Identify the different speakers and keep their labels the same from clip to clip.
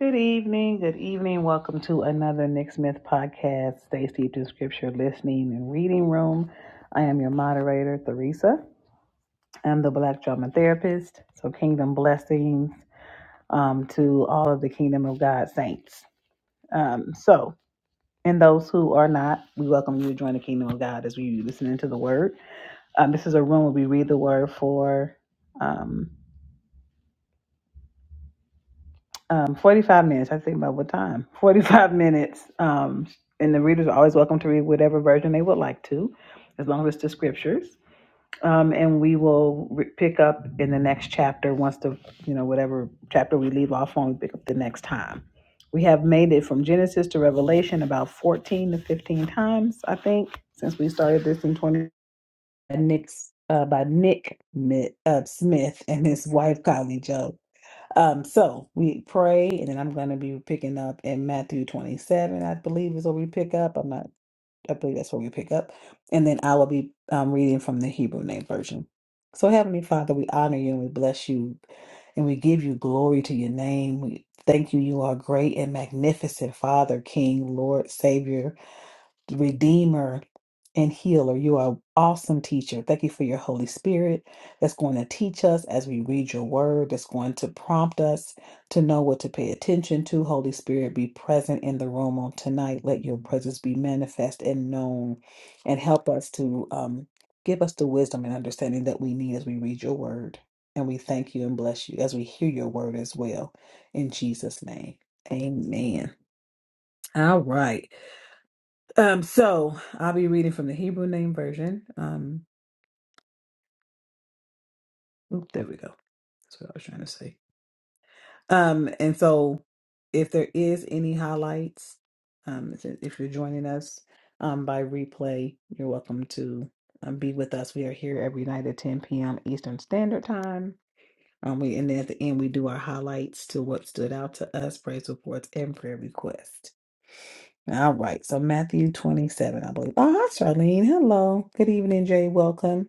Speaker 1: Good evening, good evening. Welcome to another Nick Smith podcast, Stay Steeped in Scripture, Listening and Reading Room. I am your moderator, Theresa. I'm the Black Drama Therapist. So, kingdom blessings um, to all of the Kingdom of God saints. Um, so, and those who are not, we welcome you to join the Kingdom of God as we listen into the Word. Um, this is a room where we read the Word for. Um, um, 45 minutes. I have to think about what time. 45 minutes. Um, and the readers are always welcome to read whatever version they would like to, as long as it's the scriptures. Um, and we will re- pick up in the next chapter once the, you know, whatever chapter we leave off on, we pick up the next time. We have made it from Genesis to Revelation about 14 to 15 times, I think, since we started this in 20. Nick's, uh, by Nick Mi- uh, Smith and his wife, Kylie Joe. Um, so we pray, and then I'm going to be picking up in Matthew 27, I believe is where we pick up. I'm not, I believe that's where we pick up. And then I will be um, reading from the Hebrew Name Version. So, Heavenly Father, we honor you and we bless you and we give you glory to your name. We thank you. You are great and magnificent, Father, King, Lord, Savior. Redeemer, and Healer. You are awesome teacher. Thank you for your Holy Spirit that's going to teach us as we read your word, that's going to prompt us to know what to pay attention to. Holy Spirit, be present in the room on tonight. Let your presence be manifest and known and help us to um, give us the wisdom and understanding that we need as we read your word. And we thank you and bless you as we hear your word as well. In Jesus' name, amen. All right. Um, so I'll be reading from the Hebrew name version. Um, oop, there we go. That's what I was trying to say. Um, and so if there is any highlights, um, if if you're joining us um, by replay, you're welcome to um, be with us. We are here every night at 10 p.m. Eastern Standard Time. Um, we and then at the end we do our highlights to what stood out to us, praise reports, and prayer requests. All right, so Matthew 27, I believe. Oh, hi, Charlene. Hello. Good evening, Jay. Welcome.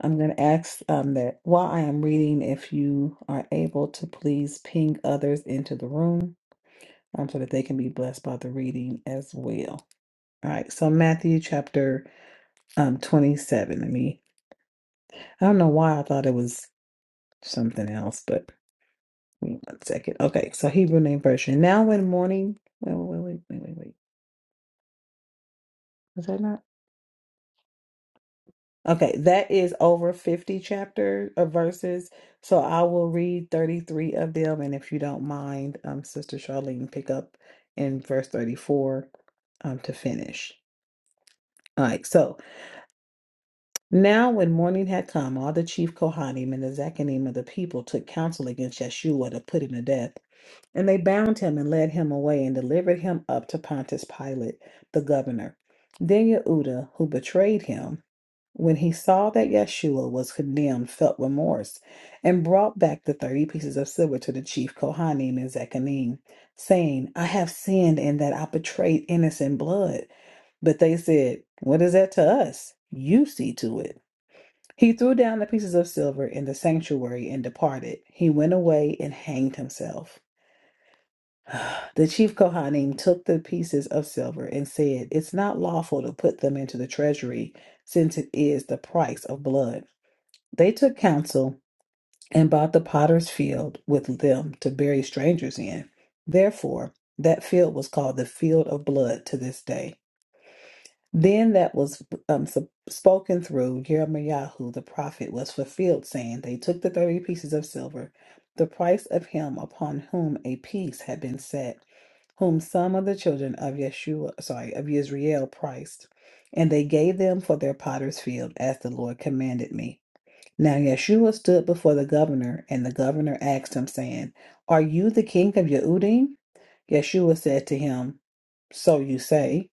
Speaker 1: I'm going to ask um, that while I am reading, if you are able to please ping others into the room um, so that they can be blessed by the reading as well. All right, so Matthew chapter um, 27. Let me, I don't know why I thought it was something else, but wait one second. Okay, so Hebrew name version. Now, when morning, wait, wait, wait, wait, wait, wait. Is that not? Okay, that is over 50 chapter of verses. So I will read 33 of them. And if you don't mind, um, Sister Charlene, pick up in verse 34 um, to finish. All right, so now when morning had come, all the chief Kohanim and the Zechariah of the people took counsel against Yeshua to put him to death. And they bound him and led him away and delivered him up to Pontius Pilate, the governor. Then Yehuda, who betrayed him, when he saw that Yeshua was condemned, felt remorse and brought back the thirty pieces of silver to the chief Kohanim and Zechariah, saying, I have sinned in that I betrayed innocent blood. But they said, What is that to us? You see to it. He threw down the pieces of silver in the sanctuary and departed. He went away and hanged himself. The chief Kohanim took the pieces of silver and said, It's not lawful to put them into the treasury, since it is the price of blood. They took counsel and bought the potter's field with them to bury strangers in. Therefore, that field was called the field of blood to this day. Then that was um, sup- spoken through Jeremiah,hu the prophet was fulfilled, saying, They took the thirty pieces of silver, the price of him upon whom a piece had been set whom some of the children of Yeshua, sorry, of Yisrael priced, and they gave them for their potter's field, as the Lord commanded me. Now Yeshua stood before the governor, and the governor asked him, saying, Are you the king of Yehudim? Yeshua said to him, So you say.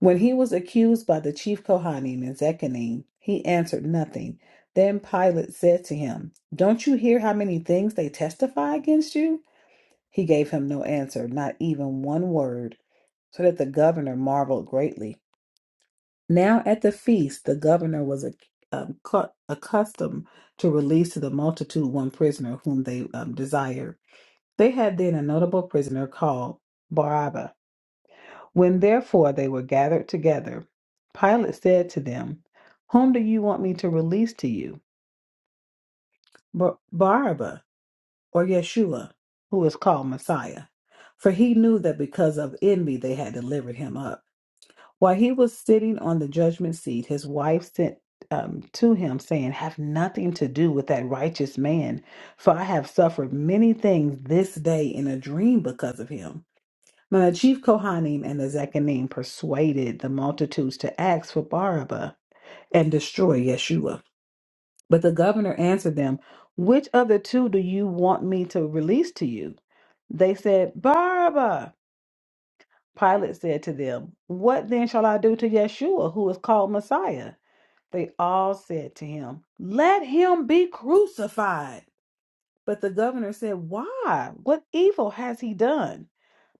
Speaker 1: When he was accused by the chief Kohanim and Zechariah, he answered nothing. Then Pilate said to him, Don't you hear how many things they testify against you? He gave him no answer, not even one word so that the governor marveled greatly. Now at the feast, the governor was ac- um, cu- accustomed to release to the multitude one prisoner whom they um, desired. They had then a notable prisoner called Barabbas. When therefore they were gathered together, Pilate said to them, Whom do you want me to release to you, Bar- Barabbas or Yeshua, who is called Messiah? For he knew that because of envy they had delivered him up. While he was sitting on the judgment seat, his wife sent um, to him, saying, Have nothing to do with that righteous man, for I have suffered many things this day in a dream because of him. Now the chief Kohanim and the Zechariah persuaded the multitudes to ask for Barabbas and destroy Yeshua. But the governor answered them, Which of the two do you want me to release to you? They said, Barabbas. Pilate said to them, What then shall I do to Yeshua, who is called Messiah? They all said to him, Let him be crucified. But the governor said, Why? What evil has he done?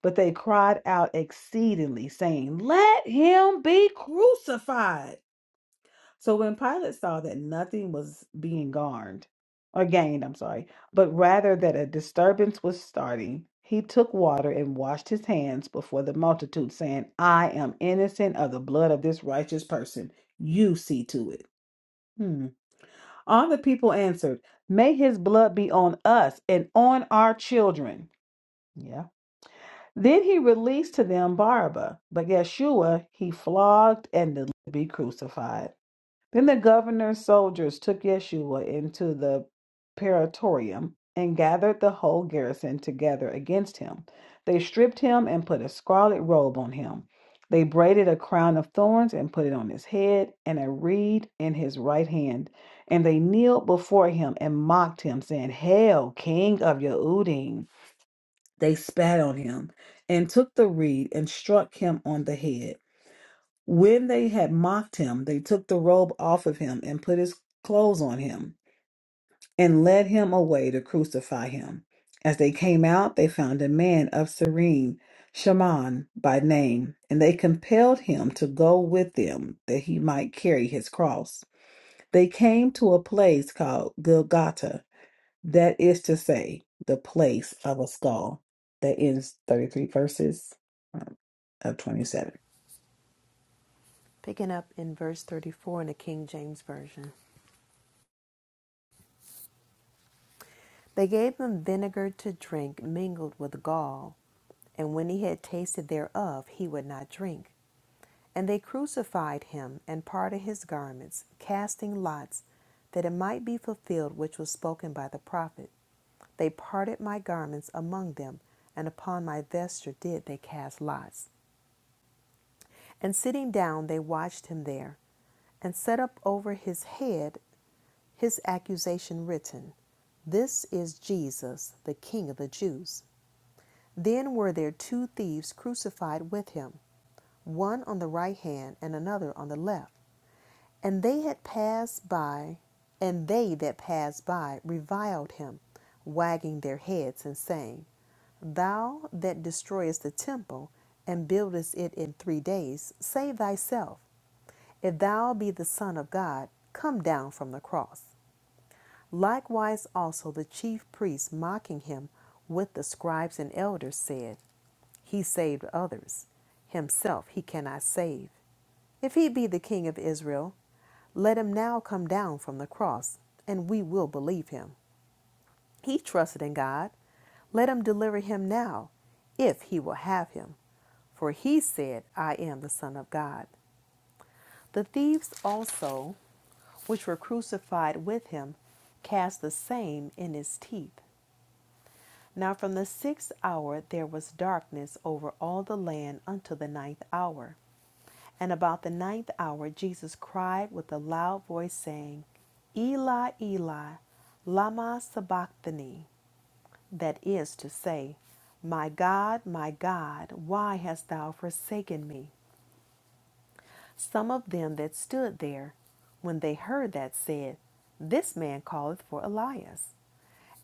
Speaker 1: But they cried out exceedingly, saying, Let him be crucified. So when Pilate saw that nothing was being garned or gained, I'm sorry, but rather that a disturbance was starting, he took water and washed his hands before the multitude, saying, I am innocent of the blood of this righteous person. You see to it. Hmm. All the people answered, May his blood be on us and on our children. Yeah. Then he released to them Barabbas, but Yeshua he flogged and delivered to be crucified. Then the governor's soldiers took Yeshua into the praetorium and gathered the whole garrison together against him. They stripped him and put a scarlet robe on him. They braided a crown of thorns and put it on his head, and a reed in his right hand. And they kneeled before him and mocked him, saying, Hail, King of Yehudim! They spat on him and took the reed and struck him on the head. When they had mocked him, they took the robe off of him and put his clothes on him and led him away to crucify him. As they came out, they found a man of Cyrene, Shaman by name, and they compelled him to go with them that he might carry his cross. They came to a place called Golgotha that is to say, the place of a skull. That ends 33 verses um, of 27.
Speaker 2: Picking up in verse 34 in the King James Version. They gave him vinegar to drink mingled with gall, and when he had tasted thereof, he would not drink. And they crucified him and parted his garments, casting lots, that it might be fulfilled which was spoken by the prophet. They parted my garments among them, and upon my vesture did they cast lots. And sitting down, they watched him there, and set up over his head his accusation written, This is Jesus, the King of the Jews. Then were there two thieves crucified with him, one on the right hand and another on the left. And they had passed by, and they that passed by reviled him, wagging their heads and saying, Thou that destroyest the temple and buildest it in three days, save thyself. If thou be the Son of God, come down from the cross. Likewise, also the chief priests, mocking him with the scribes and elders, said, He saved others. Himself he cannot save. If he be the king of Israel, let him now come down from the cross, and we will believe him. He trusted in God. Let him deliver him now, if he will have him. For he said, I am the Son of God. The thieves also, which were crucified with him, cast the same in his teeth. Now from the sixth hour there was darkness over all the land until the ninth hour. And about the ninth hour Jesus cried with a loud voice, saying, Eli, Eli, Lama Sabachthani, that is to say, My God, my God, why hast thou forsaken me? Some of them that stood there, when they heard that, said, This man calleth for Elias.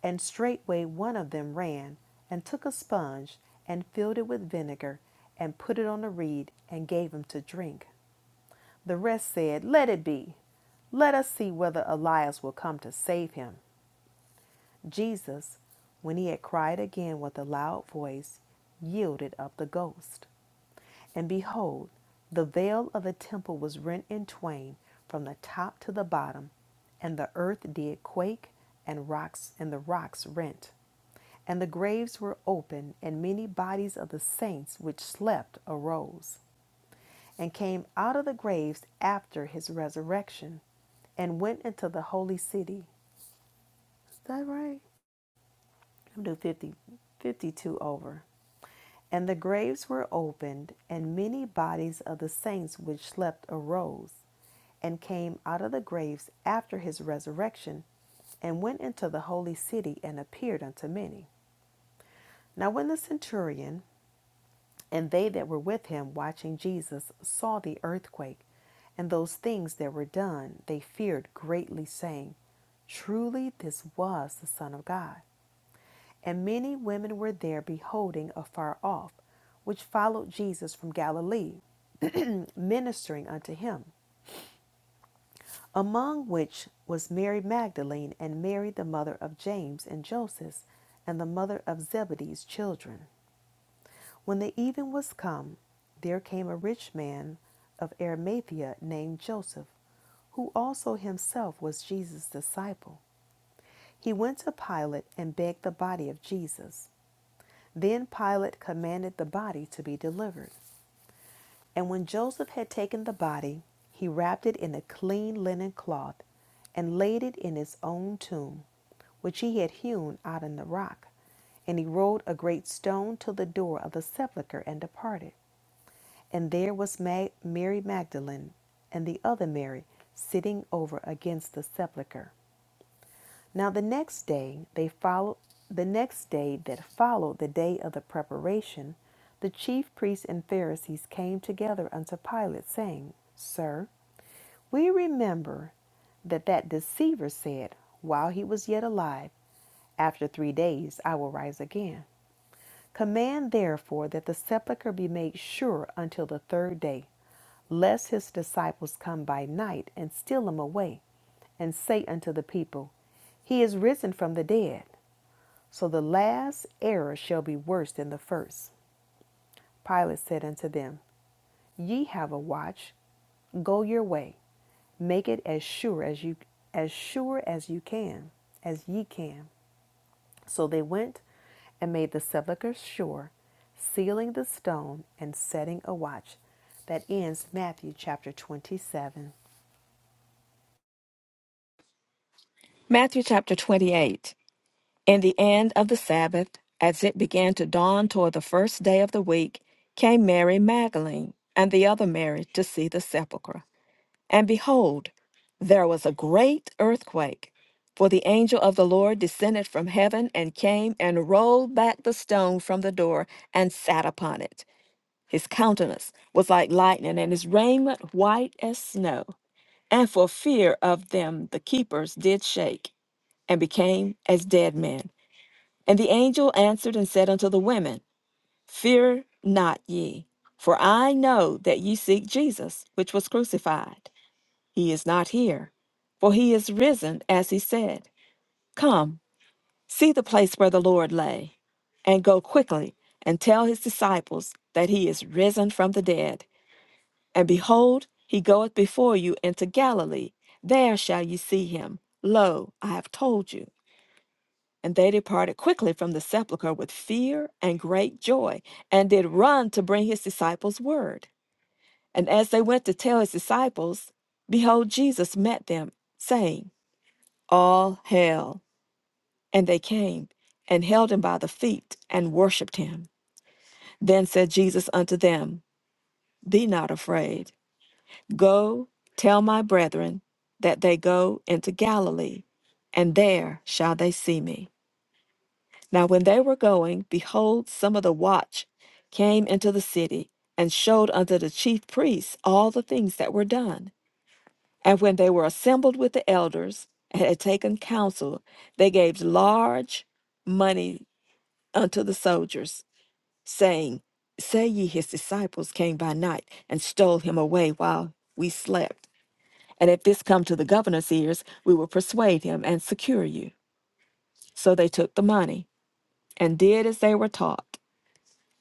Speaker 2: And straightway one of them ran and took a sponge and filled it with vinegar and put it on a reed and gave him to drink. The rest said, Let it be. Let us see whether Elias will come to save him. Jesus, when he had cried again with a loud voice, yielded up the ghost. And behold, the veil of the temple was rent in twain from the top to the bottom, and the earth did quake, and rocks and the rocks rent. And the graves were open, and many bodies of the saints which slept arose, and came out of the graves after his resurrection, and went into the holy city. Is that right? I'm doing 50, 52 over. And the graves were opened, and many bodies of the saints which slept arose and came out of the graves after his resurrection, and went into the holy city and appeared unto many. Now, when the centurion and they that were with him watching Jesus saw the earthquake and those things that were done, they feared greatly, saying, Truly this was the Son of God. And many women were there beholding afar off, which followed Jesus from Galilee, ministering unto him. among which was Mary Magdalene and Mary, the mother of James and Joseph, and the mother of Zebedee's children. When the even was come, there came a rich man of Arimathea named Joseph, who also himself was Jesus' disciple. He went to Pilate and begged the body of Jesus. Then Pilate commanded the body to be delivered. And when Joseph had taken the body, he wrapped it in a clean linen cloth and laid it in his own tomb, which he had hewn out in the rock. And he rolled a great stone to the door of the sepulchre and departed. And there was Mary Magdalene and the other Mary sitting over against the sepulchre, now the next day they followed the next day that followed the day of the preparation, the chief priests and Pharisees came together unto Pilate, saying, Sir, we remember that that deceiver said, while he was yet alive, After three days I will rise again. Command therefore that the sepulchre be made sure until the third day, lest his disciples come by night and steal him away, and say unto the people, He is risen from the dead. So the last error shall be worse than the first. Pilate said unto them, Ye have a watch, go your way, make it as sure as you as sure as you can, as ye can. So they went and made the sepulchre sure, sealing the stone and setting a watch. That ends Matthew chapter 27,
Speaker 3: Matthew chapter 28. In the end of the Sabbath, as it began to dawn toward the first day of the week, came Mary Magdalene and the other Mary to see the sepulchre. And behold, there was a great earthquake, for the angel of the Lord descended from heaven and came and rolled back the stone from the door and sat upon it. His countenance was like lightning, and his raiment white as snow. And for fear of them, the keepers did shake and became as dead men. And the angel answered and said unto the women, Fear not ye, for I know that ye seek Jesus, which was crucified. He is not here, for he is risen, as he said. Come, see the place where the Lord lay, and go quickly and tell his disciples that he is risen from the dead. And behold, he goeth before you into Galilee. There shall ye see him. Lo, I have told you. And they departed quickly from the sepulchre with fear and great joy, and did run to bring his disciples word. And as they went to tell his disciples, behold, Jesus met them, saying, All hail. And they came and held him by the feet and worshipped him. Then said Jesus unto them, Be not afraid. Go tell my brethren that they go into Galilee, and there shall they see me. Now, when they were going, behold, some of the watch came into the city and showed unto the chief priests all the things that were done. And when they were assembled with the elders and had taken counsel, they gave large money unto the soldiers, saying, Say ye his disciples came by night and stole him away while we slept. And if this come to the governor's ears, we will persuade him and secure you. So they took the money and did as they were taught.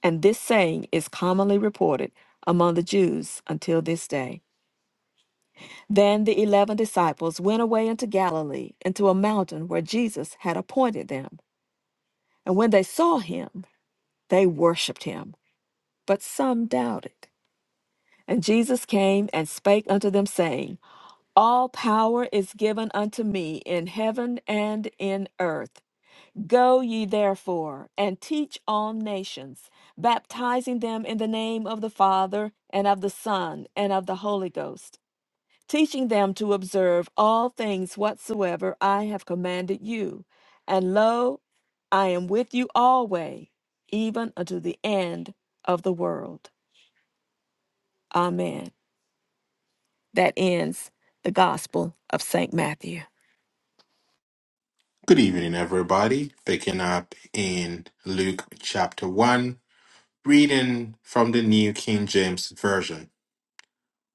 Speaker 3: And this saying is commonly reported among the Jews until this day. Then the eleven disciples went away into Galilee, into a mountain where Jesus had appointed them. And when they saw him, they worshipped him, but some doubted. And Jesus came and spake unto them, saying, All power is given unto me in heaven and in earth. Go ye therefore and teach all nations, baptizing them in the name of the Father, and of the Son, and of the Holy Ghost, teaching them to observe all things whatsoever I have commanded you. And lo, I am with you alway, even unto the end of the world. Amen. That ends the Gospel of St. Matthew.
Speaker 4: Good evening, everybody. Picking up in Luke chapter 1, reading from the New King James Version.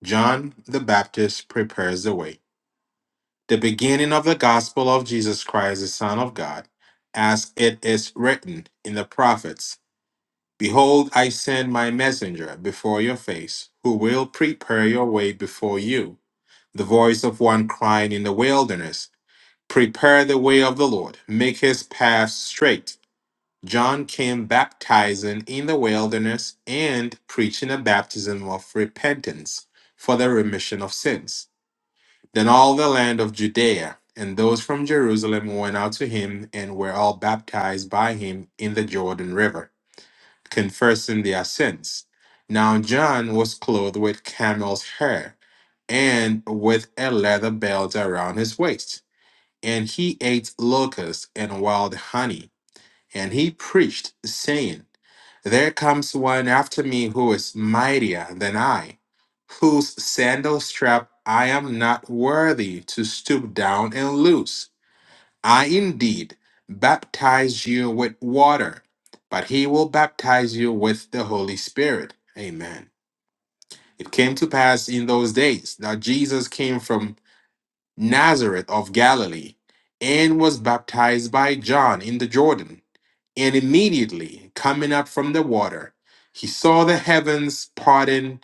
Speaker 4: John the Baptist prepares the way. The beginning of the gospel of Jesus Christ, the Son of God, as it is written in the prophets Behold, I send my messenger before your face, who will prepare your way before you. The voice of one crying in the wilderness, Prepare the way of the Lord, make his path straight. John came baptizing in the wilderness and preaching a baptism of repentance for the remission of sins. Then all the land of Judea and those from Jerusalem went out to him and were all baptized by him in the Jordan River, confessing their sins. Now John was clothed with camel's hair and with a leather belt around his waist, and he ate locusts and wild honey. And he preached, saying, There comes one after me who is mightier than I, whose sandal strap I am not worthy to stoop down and loose. I indeed baptize you with water, but he will baptize you with the Holy Spirit. Amen. It came to pass in those days that Jesus came from Nazareth of Galilee and was baptized by John in the Jordan. And immediately coming up from the water, he saw the heavens parting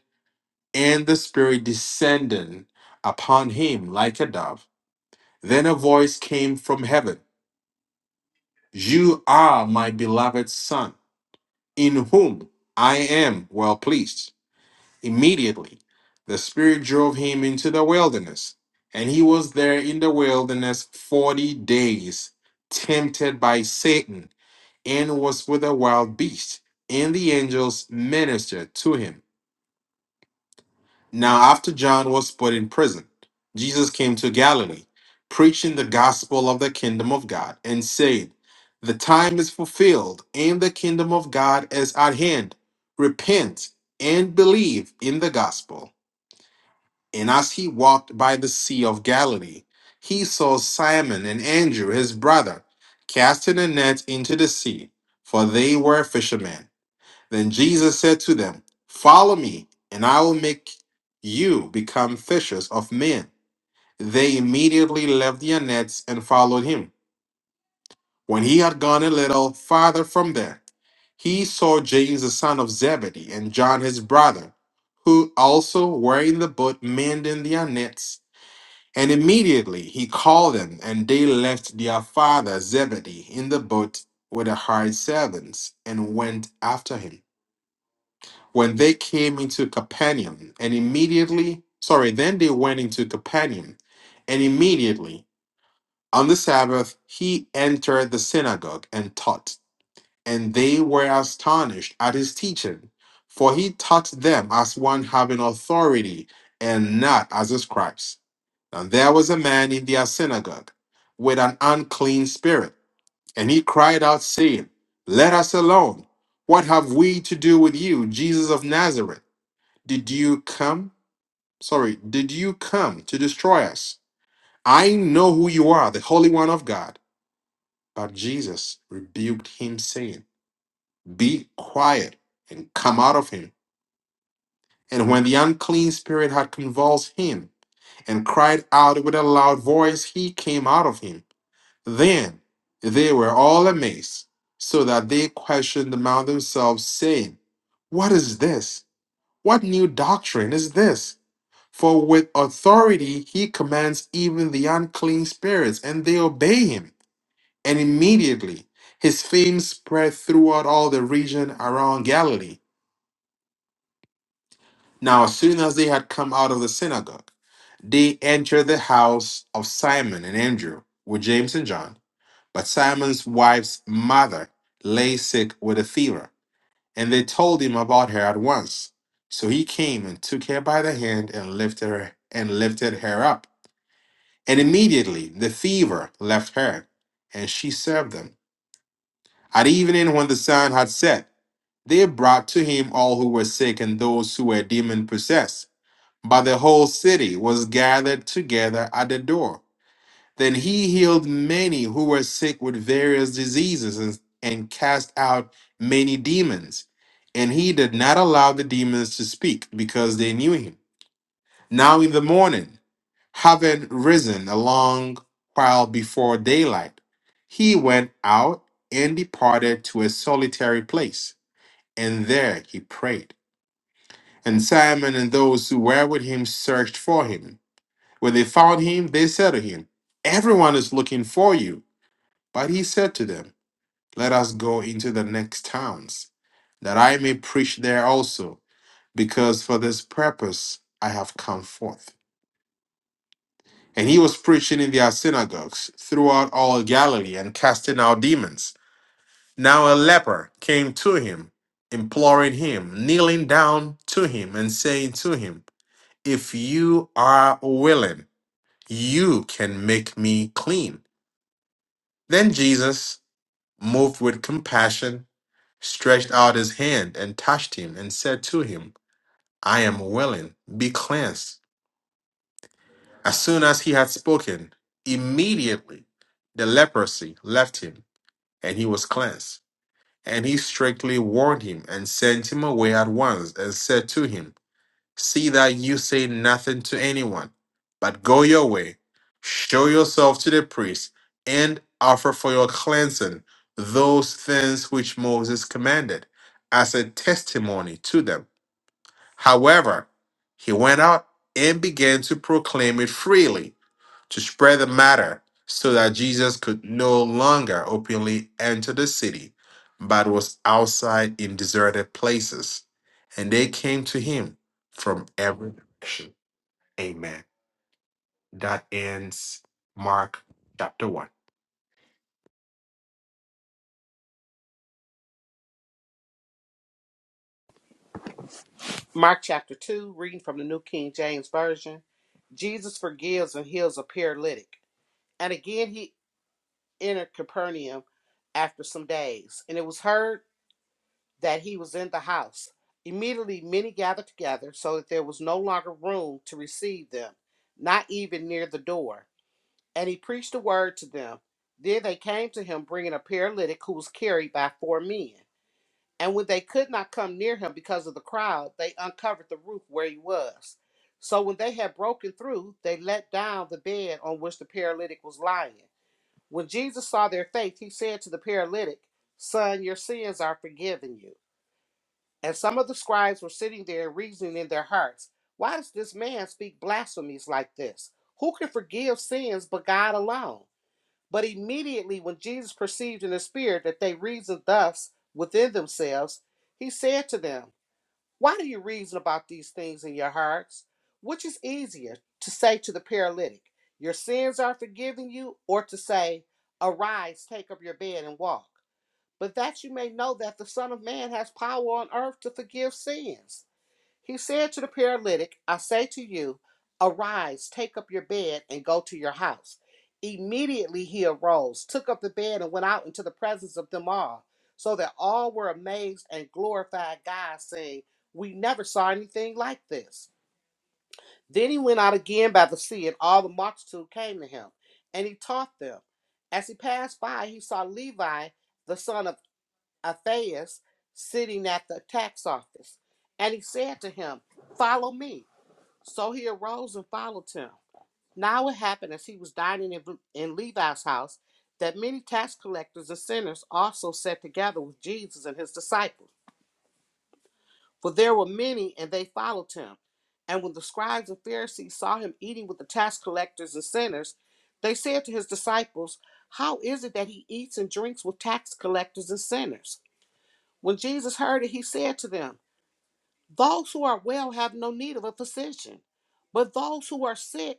Speaker 4: and the Spirit descending upon him like a dove. Then a voice came from heaven You are my beloved Son, in whom I am well pleased. Immediately the Spirit drove him into the wilderness, and he was there in the wilderness forty days, tempted by Satan and was with a wild beast, and the angels ministered to him. Now, after John was put in prison, Jesus came to Galilee, preaching the gospel of the kingdom of God, and saying, The time is fulfilled, and the kingdom of God is at hand. Repent and believe in the gospel. And as he walked by the sea of Galilee, he saw Simon and Andrew, his brother, casting a net into the sea, for they were fishermen. Then Jesus said to them, Follow me, and I will make you become fishers of men. They immediately left their nets and followed him. When he had gone a little farther from there, he saw James the son of Zebedee and John his brother, who also were in the boat mending their nets. And immediately he called them, and they left their father Zebedee in the boat with the hired servants and went after him. when they came into Capernaum, and immediately, sorry, then they went into Capernaum, and immediately on the Sabbath he entered the synagogue and taught. And they were astonished at his teaching, for he taught them as one having authority and not as the scribes. And there was a man in their synagogue with an unclean spirit, and he cried out, saying, Let us alone. What have we to do with you, Jesus of Nazareth? Did you come? Sorry, did you come to destroy us? I know who you are, the Holy One of God. But Jesus rebuked him, saying, Be quiet and come out of him. And when the unclean spirit had convulsed him and cried out with a loud voice, he came out of him. Then they were all amazed, so that they questioned among themselves, saying, What is this? What new doctrine is this? For with authority he commands even the unclean spirits, and they obey him. And immediately his fame spread throughout all the region around Galilee. Now, as soon as they had come out of the synagogue, they entered the house of Simon and Andrew with James and John. But Simon's wife's mother lay sick with a fever, and they told him about her at once. So he came and took her by the hand and lifted her and lifted her up And immediately the fever left her, and she served them. At evening, when the sun had set, they brought to him all who were sick and those who were demon possessed. But the whole city was gathered together at the door. Then he healed many who were sick with various diseases and, and cast out many demons. And he did not allow the demons to speak because they knew him. Now in the morning, having risen a long while before daylight, he went out and departed to a solitary place, and there he prayed. And Simon and those who were with him searched for him. When they found him, they said to him, Everyone is looking for you. But he said to them, Let us go into the next towns, that I may preach there also, because for this purpose I have come forth. And he was preaching in their synagogues throughout all Galilee and casting out demons. Now a leper came to him, imploring him, kneeling down to him, and saying to him, If you are willing, you can make me clean. Then Jesus, moved with compassion, stretched out his hand and touched him, and said to him, I am willing, be cleansed. As soon as he had spoken, immediately the leprosy left him and he was cleansed. And he strictly warned him and sent him away at once and said to him, See that you say nothing to anyone, but go your way, show yourself to the priest, and offer for your cleansing those things which Moses commanded as a testimony to them. However, he went out and began to proclaim it freely to spread the matter so that Jesus could no longer openly enter the city, but was outside in deserted places. And they came to him from every direction. Amen. That ends Mark chapter 1.
Speaker 5: Mark chapter 2, reading from the New King James Version. Jesus forgives and heals a paralytic. And again he entered Capernaum after some days, and it was heard that he was in the house. Immediately many gathered together, so that there was no longer room to receive them, not even near the door. And he preached the word to them. Then they came to him, bringing a paralytic who was carried by four men. And when they could not come near him because of the crowd, they uncovered the roof where he was. So when they had broken through, they let down the bed on which the paralytic was lying. When Jesus saw their faith, he said to the paralytic, Son, your sins are forgiven you. And some of the scribes were sitting there reasoning in their hearts, Why does this man speak blasphemies like this? Who can forgive sins but God alone? But immediately when Jesus perceived in the spirit that they reasoned thus within themselves, he said to them, Why do you reason about these things in your hearts? Which is easier to say to the paralytic, 'Your sins are forgiven you, or to say, 'Arise, take up your bed and walk? But that you may know that the Son of Man has power on earth to forgive sins. He said to the paralytic, I say to you, arise, take up your bed, and go to your house. Immediately he arose, took up the bed, and went out into the presence of them all, so that all were amazed and glorified God, saying, We never saw anything like this. Then he went out again by the sea, and all the multitude came to him, and he taught them. As he passed by, he saw Levi, the son of Alphaeus, sitting at the tax office, and he said to him, Follow me. So he arose and followed him. Now it happened as he was dining in, in Levi's house that many tax collectors and sinners also sat together with Jesus and his disciples. For there were many, and they followed him. And when the scribes and Pharisees saw him eating with the tax collectors and sinners, they said to his disciples, How is it that he eats and drinks with tax collectors and sinners? When Jesus heard it, he said to them, Those who are well have no need of a physician, but those who are sick.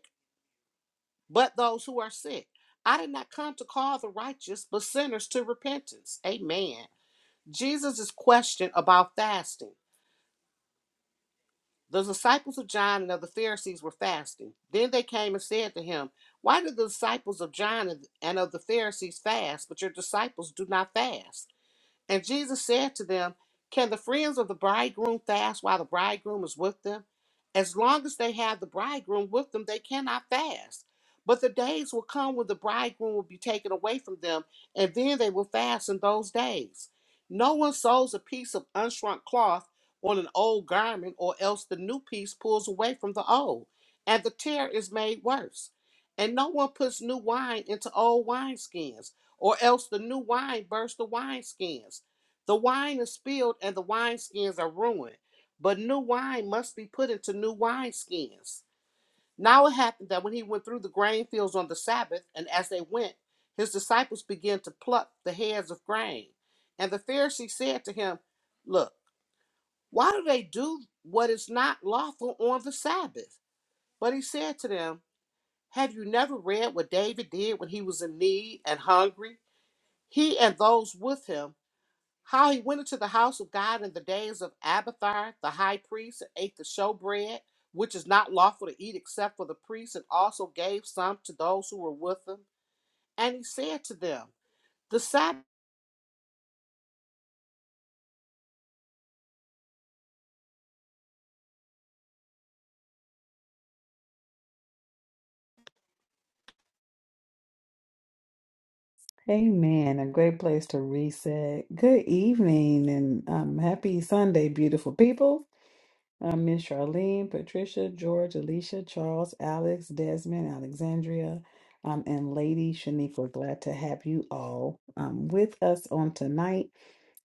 Speaker 5: but those who are sick. I did not come to call the righteous, but sinners to repentance. Amen. Jesus' question about fasting. The disciples of John and of the Pharisees were fasting. Then they came and said to him, Why do the disciples of John and and of the Pharisees fast, but your disciples do not fast? And Jesus said to them, Can the friends of the bridegroom fast while the bridegroom is with them? As long as they have the bridegroom with them, they cannot fast. But the days will come when the bridegroom will be taken away from them, and then they will fast in those days. No one sews a piece of unshrunk cloth on an old garment, or else the new piece pulls away from the old, and the tear is made worse. And no one puts new wine into old wineskins or else the new wine bursts the wineskins. The wine is spilled and the wineskins are ruined. But new wine must be put into new wineskins. Now it happened that when he went through the grain fields on the Sabbath, and as they went, his disciples began to pluck the heads of grain. And the Pharisees said to him, Look, why do they do what is not lawful on the Sabbath? But he said to them, Have you never read what David did when he was in need and hungry? he and those with him, how he went into the house of God in the days of Abiathar the high priest and ate the showbread, which is not lawful to eat except for the priests, and also gave some to those who were with him. And he said to them, the Sabbath
Speaker 1: Amen. A great place to reset. Good evening and um, happy Sunday, beautiful people. Um, Miss Charlene, Patricia, George, Alicia, Charles, Alex, Desmond, Alexandria, um, and Lady Shaniqua. Glad to have you all um, with us on tonight.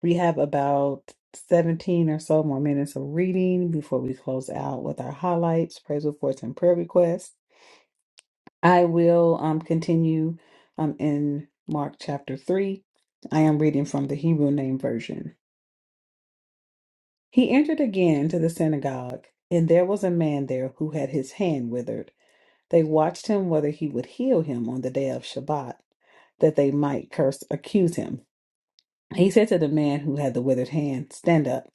Speaker 1: We have about 17 or so more minutes of reading before we close out with our highlights, praise reports, and prayer requests. I will um, continue um, in Mark chapter 3. I am reading from the Hebrew Name Version. He entered again to the synagogue, and there was a man there who had his hand withered. They watched him whether he would heal him on the day of Shabbat, that they might curse, accuse him. He said to the man who had the withered hand, Stand up.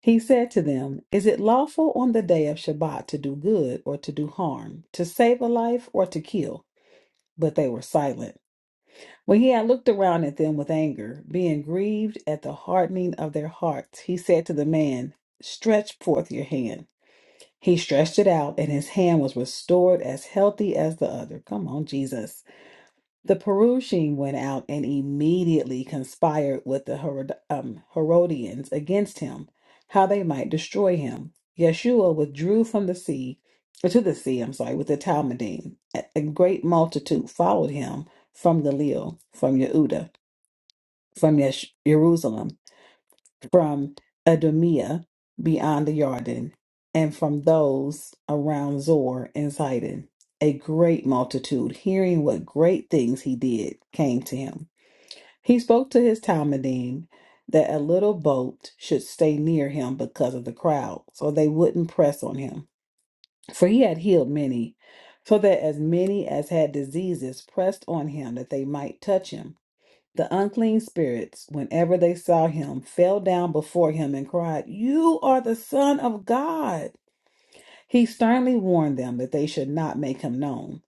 Speaker 1: He said to them, Is it lawful on the day of Shabbat to do good or to do harm, to save a life or to kill? But they were silent. When he had looked around at them with anger, being grieved at the hardening of their hearts, he said to the man, Stretch forth your hand. He stretched it out, and his hand was restored as healthy as the other. Come on, Jesus. The Perusian went out and immediately conspired with the Herod- um, Herodians against him, how they might destroy him. Yeshua withdrew from the sea, uh, to the sea, I'm sorry, with the Talmudim. A a great multitude followed him from Galil, from Yehuda from Yesh- Jerusalem, from Edomia beyond the Jordan, and from those around Zor and Zidon. A great multitude, hearing what great things he did, came to him. He spoke to his Talmudim that a little boat should stay near him because of the crowd, so they wouldn't press on him. For he had healed many, so that as many as had diseases pressed on him that they might touch him. The unclean spirits, whenever they saw him, fell down before him and cried, You are the Son of God. He sternly warned them that they should not make him known.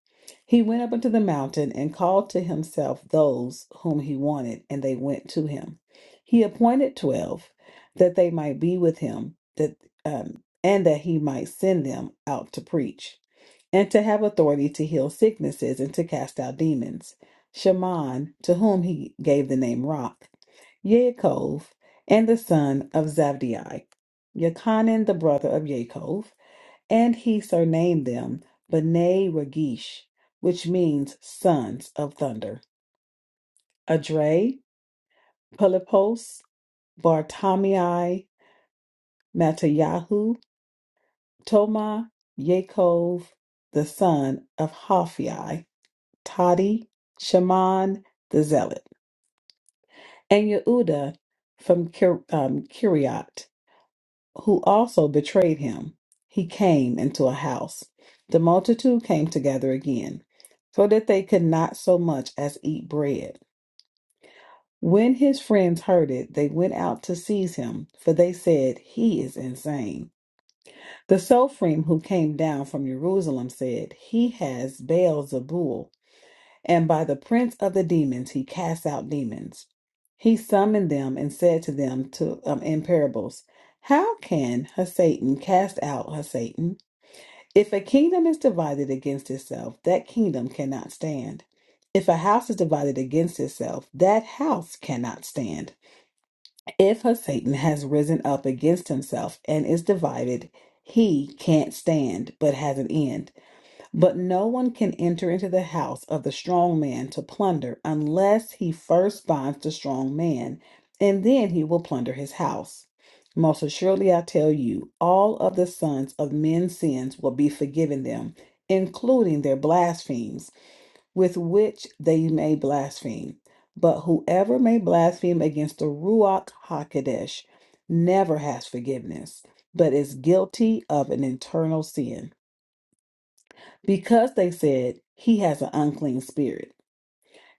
Speaker 1: He went up into the mountain and called to himself those whom he wanted, and they went to him. He appointed twelve that they might be with him, that um, and that he might send them out to preach and to have authority to heal sicknesses and to cast out demons. Shaman, to whom he gave the name Rock, Yaakov, and the son of Zabdi, Yakanan, the brother of Yaakov, and he surnamed them B'nai Ragish, which means sons of thunder. Adre, Pelipos, Bartamai, Matayahu, Toma, Yaakov, the son of Haphi. Tadi, Shaman the Zealot, and Yehuda from Kir- um, Kiriat, who also betrayed him. He came into a house. The multitude came together again, so that they could not so much as eat bread. When his friends heard it, they went out to seize him, for they said, He is insane. The Sophrim who came down from Jerusalem said, He has Baal Zebul And by the prince of the demons he cast out demons. He summoned them and said to them to, um, in parables, How can Satan cast out Satan? If a kingdom is divided against itself, that kingdom cannot stand. If a house is divided against itself, that house cannot stand. If Satan has risen up against himself and is divided, he can't stand, but has an end but no one can enter into the house of the strong man to plunder unless he first binds the strong man, and then he will plunder his house. Most assuredly, I tell you, all of the sons of men's sins will be forgiven them, including their blasphemies, with which they may blaspheme. But whoever may blaspheme against the Ruach HaKodesh never has forgiveness, but is guilty of an internal sin because they said he has an unclean spirit.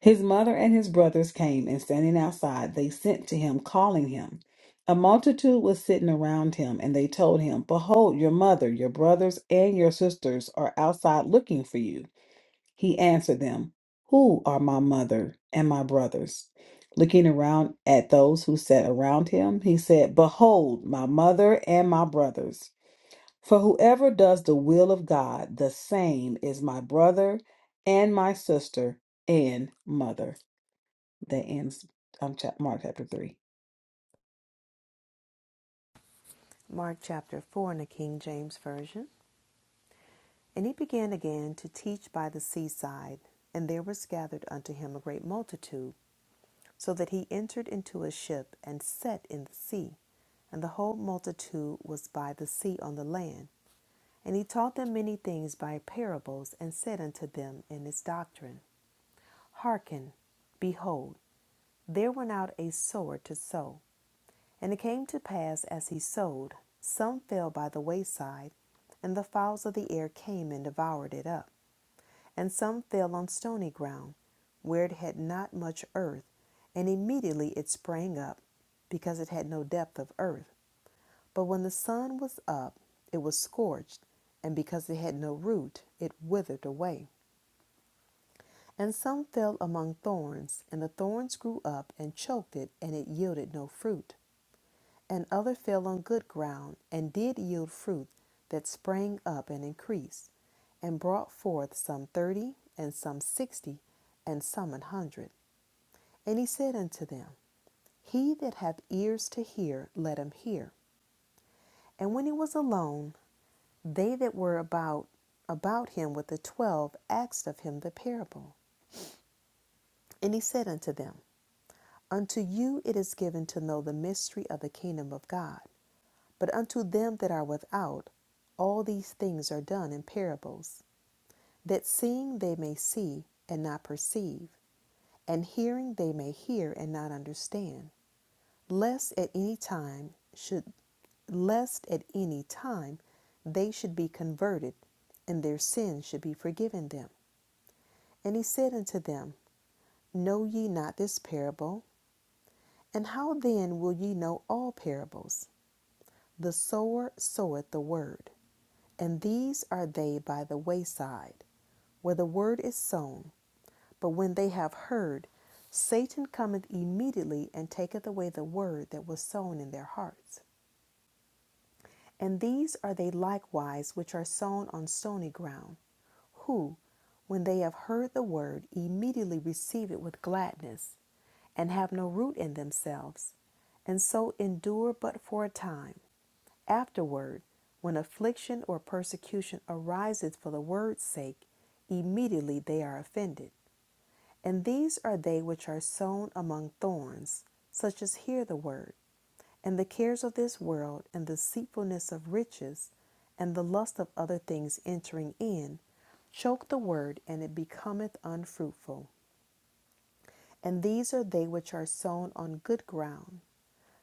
Speaker 1: His mother and his brothers came, and standing outside, they sent to him, calling him. A multitude was sitting around him, and they told him, Behold, your mother, your brothers, and your sisters are outside looking for you. He answered them, Who are my mother and my brothers? Looking around at those who sat around him, he said, Behold, my mother and my brothers. For whoever does the will of God, the same is my brother and my sister and mother. That ends um, chap- Mark chapter 3.
Speaker 2: Mark chapter 4 in the King James Version. And he began again to teach by the seaside, and there was gathered unto him a great multitude, so that he entered into a ship and sat in the sea. And the whole multitude was by the sea on the land. And he taught them many things by parables, and said unto them in his doctrine, Hearken, behold, there went out a sower to sow. And it came to pass as he sowed, some fell by the wayside, and the fowls of the air came and devoured it up. And some fell on stony ground, where it had not much earth, and immediately it sprang up, because it had no depth of earth. But when the sun was up, it was scorched, and because it had no root, it withered away. And some fell among thorns, and the thorns grew up and choked it, and it yielded no fruit. And other fell on good ground, and did yield fruit that sprang up and increased, and brought forth some thirty, and some sixty, and some an hundred. And he said unto them, He that hath ears to hear, let him hear. And when he was alone, they that were about about him with the twelve asked of him the parable. And he said unto them, Unto you it is given to know the mystery of the kingdom of God, but unto them that are without, all these things are done in parables, that seeing they may see and not perceive, and hearing they may hear and not understand, lest at any time should lest at any time they should be converted, and their sins should be forgiven them. And he said unto them, Know ye not this parable? And how then will ye know all parables? The sower soweth the word, and these are they by the wayside, where the word is sown. But when they have heard, Satan cometh immediately and taketh away the word that was sown in their hearts. And these are they likewise which are sown on stony ground, who, when they have heard the word, immediately receive it with gladness, and have no root in themselves, and so endure but for a time. Afterward, when affliction or persecution arises for the word's sake, immediately they are offended. And these are they which are sown among thorns, such as hear the word, and the cares of this world, and the deceitfulness of riches, and the lust of other things entering in, choke the word, and it becometh unfruitful. And these are they which are sown on good ground,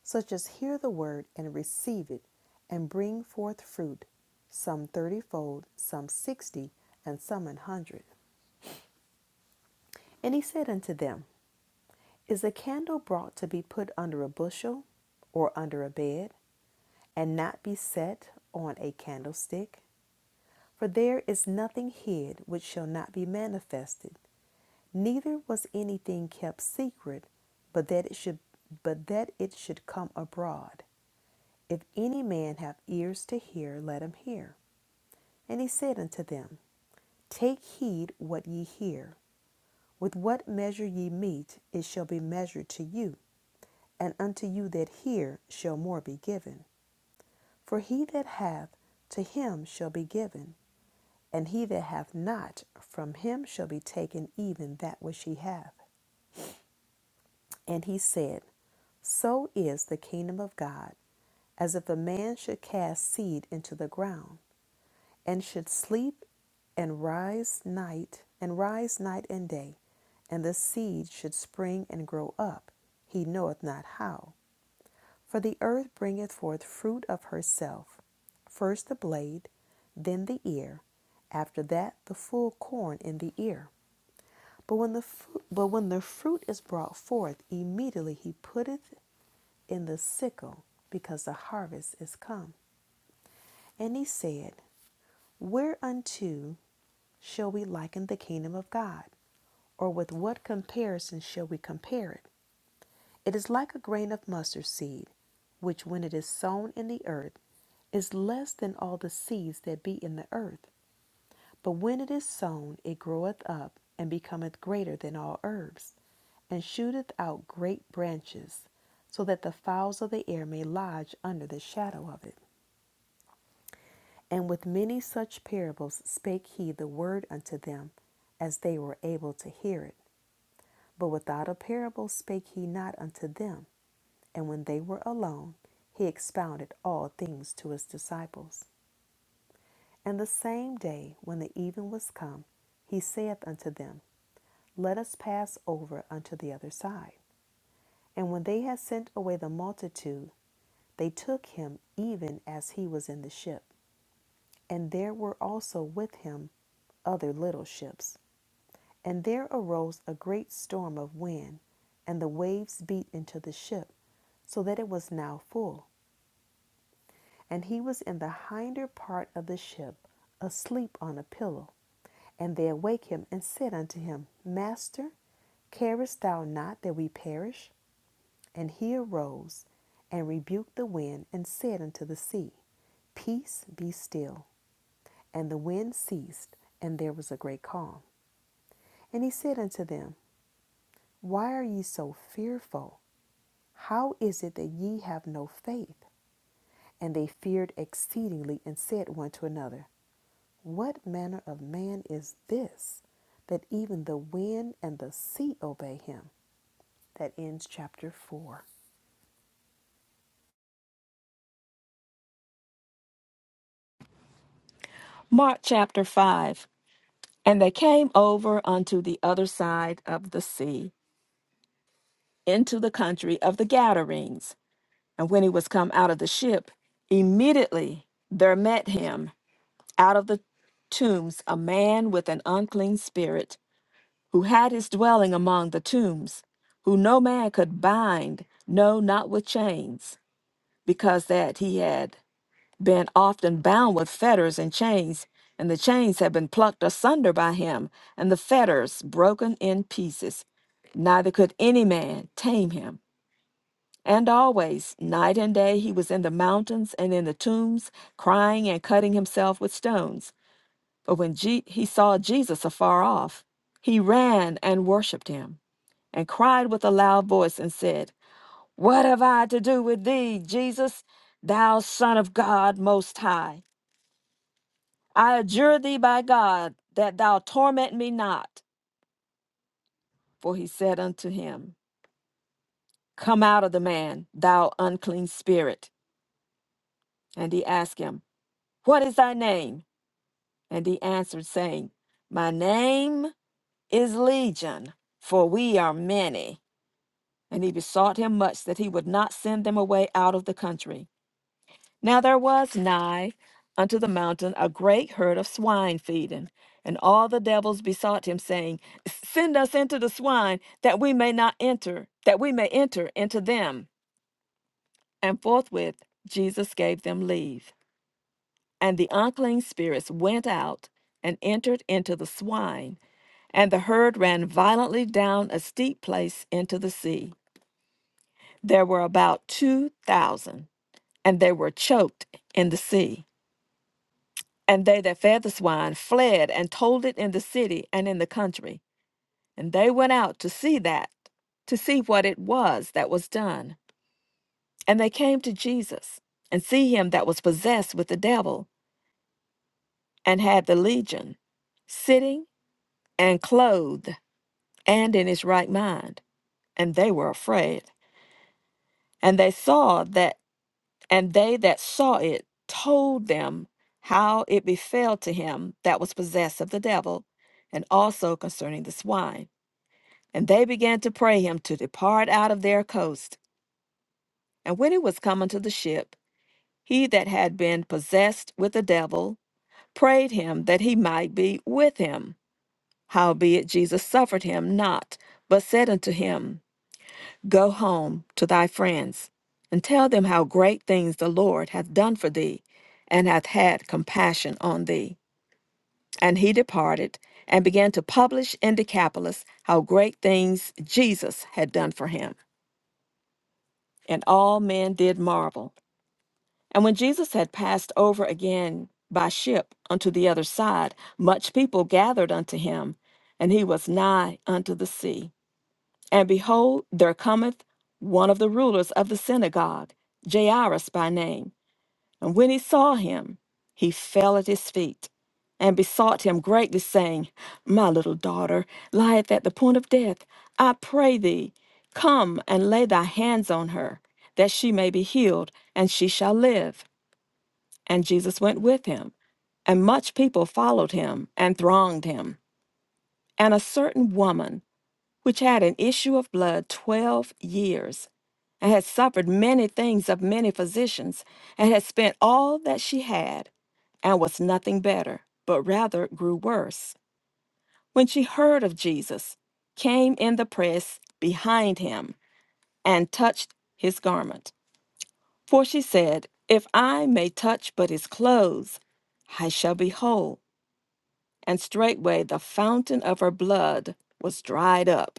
Speaker 2: such as hear the word and receive it and bring forth fruit, some thirtyfold, some sixty, and some an hundred. And he said unto them, Is a candle brought to be put under a bushel or under a bed, and not be set on a candlestick? For there is nothing hid which shall not be manifested, neither was anything kept secret, but that it should but that it should come abroad. If any man have ears to hear, let him hear. And he said unto them, Take heed what ye hear. With what measure ye meet, it shall be measured to you, and unto you that hear shall more be given. For he that hath, to him shall be given, and he that hath not, from him shall be taken even that which he hath. And he said, So is the kingdom of God, as if a man should cast seed into the ground. and should sleep and rise night and rise night and day, and the seed should spring and grow up, he knoweth not how. For the earth bringeth forth fruit of herself, first the blade, then the ear, after that the full corn in the ear. But when the fu- but when the fruit is brought forth, immediately he putteth in the sickle, because the harvest is come. And he said, Whereunto shall we liken the kingdom of God? Or with what comparison shall we compare it? It is like a grain of mustard seed, which when it is sown in the earth is less than all the seeds that be in the earth. But when it is sown, it groweth up and becometh greater than all herbs, and shooteth out great branches, so that the fowls of the air may lodge under the shadow of it. And with many such parables spake he the word unto them, as they were able to hear it. But without a parable spake he not unto them. And when they were alone, he expounded all things to his disciples. And the same day, when the even was come, he saith unto them, Let us pass over unto the other side. And when they had sent away the multitude, they took him even as he was in the ship. And there were also with him other little ships. And there arose a great storm of wind, and the waves beat into the ship so that it was now full. And he was in the hinder part of the ship, asleep on a pillow. And they awake him and said unto him, Master, carest thou not that we perish? And he arose and rebuked the wind and said unto the sea, Peace be still. And the wind ceased, and there was a great calm. And he said unto them, Why are ye so fearful? How is it that ye have no faith? And they feared exceedingly and said one to another, What manner of man is this that even the wind and the sea obey him? That ends chapter 4.
Speaker 3: Mark chapter 5. And they came over unto the other side of the sea into the country of the Gadarenes. And when he was come out of the ship, immediately there met him out of the tombs a man with an unclean spirit, who had his dwelling among the tombs, who no man could bind, no, not with chains, because that he had been often bound with fetters and chains, and the chains had been plucked asunder by him, and the fetters broken in pieces. Neither could any man tame him. And always, night and day, he was in the mountains and in the tombs, crying and cutting himself with stones. But when Je- he saw Jesus afar off, he ran and worshipped him, and cried with a loud voice and said, What have I to do with thee, Jesus, thou Son of God Most High? I adjure thee by God that thou torment me not. For he said unto him, Come out of the man, thou unclean spirit. And he asked him, What is thy name? And he answered, saying, My name is Legion, for we are many. And he besought him much that he would not send them away out of the country. Now there was nigh unto the mountain a great herd of swine feeding. And all the devils besought him, saying, Send us into the swine, that we may not enter, that we may enter into them. And forthwith Jesus gave them leave. And the unclean spirits went out and entered into the swine, and the herd ran violently down a steep place into the sea. There were about two thousand, and they were choked in the sea. And they that fed the swine fled and told it in the city and in the country. And they went out to see that, to see what it was that was done. And they came to Jesus, and see him that was possessed with the devil, and had the legion, sitting and clothed and in his right mind and they were afraid and they saw that and they that saw it told them how it befell to him that was possessed of the devil and also concerning the swine and they began to pray him to depart out of their coast and when he was come unto the ship he that had been possessed with the devil prayed him that he might be with him howbeit jesus suffered him not but said unto him Go home to thy friends, and tell them how great things the Lord hath done for thee, and hath had compassion on thee. And he departed, and began to publish in Decapolis how great things Jesus had done for him. And all men did marvel. And when Jesus had passed over again by ship unto the other side, much people gathered unto him, and he was nigh unto the sea. And behold, there cometh one of the rulers of the synagogue, Jairus by name. And when he saw him, he fell at his feet and besought him greatly, saying, My little daughter lieth at the point of death. I pray thee, come and lay thy hands on her, that she may be healed, and she shall live. And Jesus went with him. And much people followed him and thronged him. And a certain woman, which had an issue of blood twelve years, and had suffered many things of many physicians, and had spent all that she had, and was nothing better, but rather grew worse. When she heard of Jesus, came in the press behind him, and touched his garment. For she said, If I may touch but his clothes, I shall be whole. And straightway the fountain of her blood was dried up.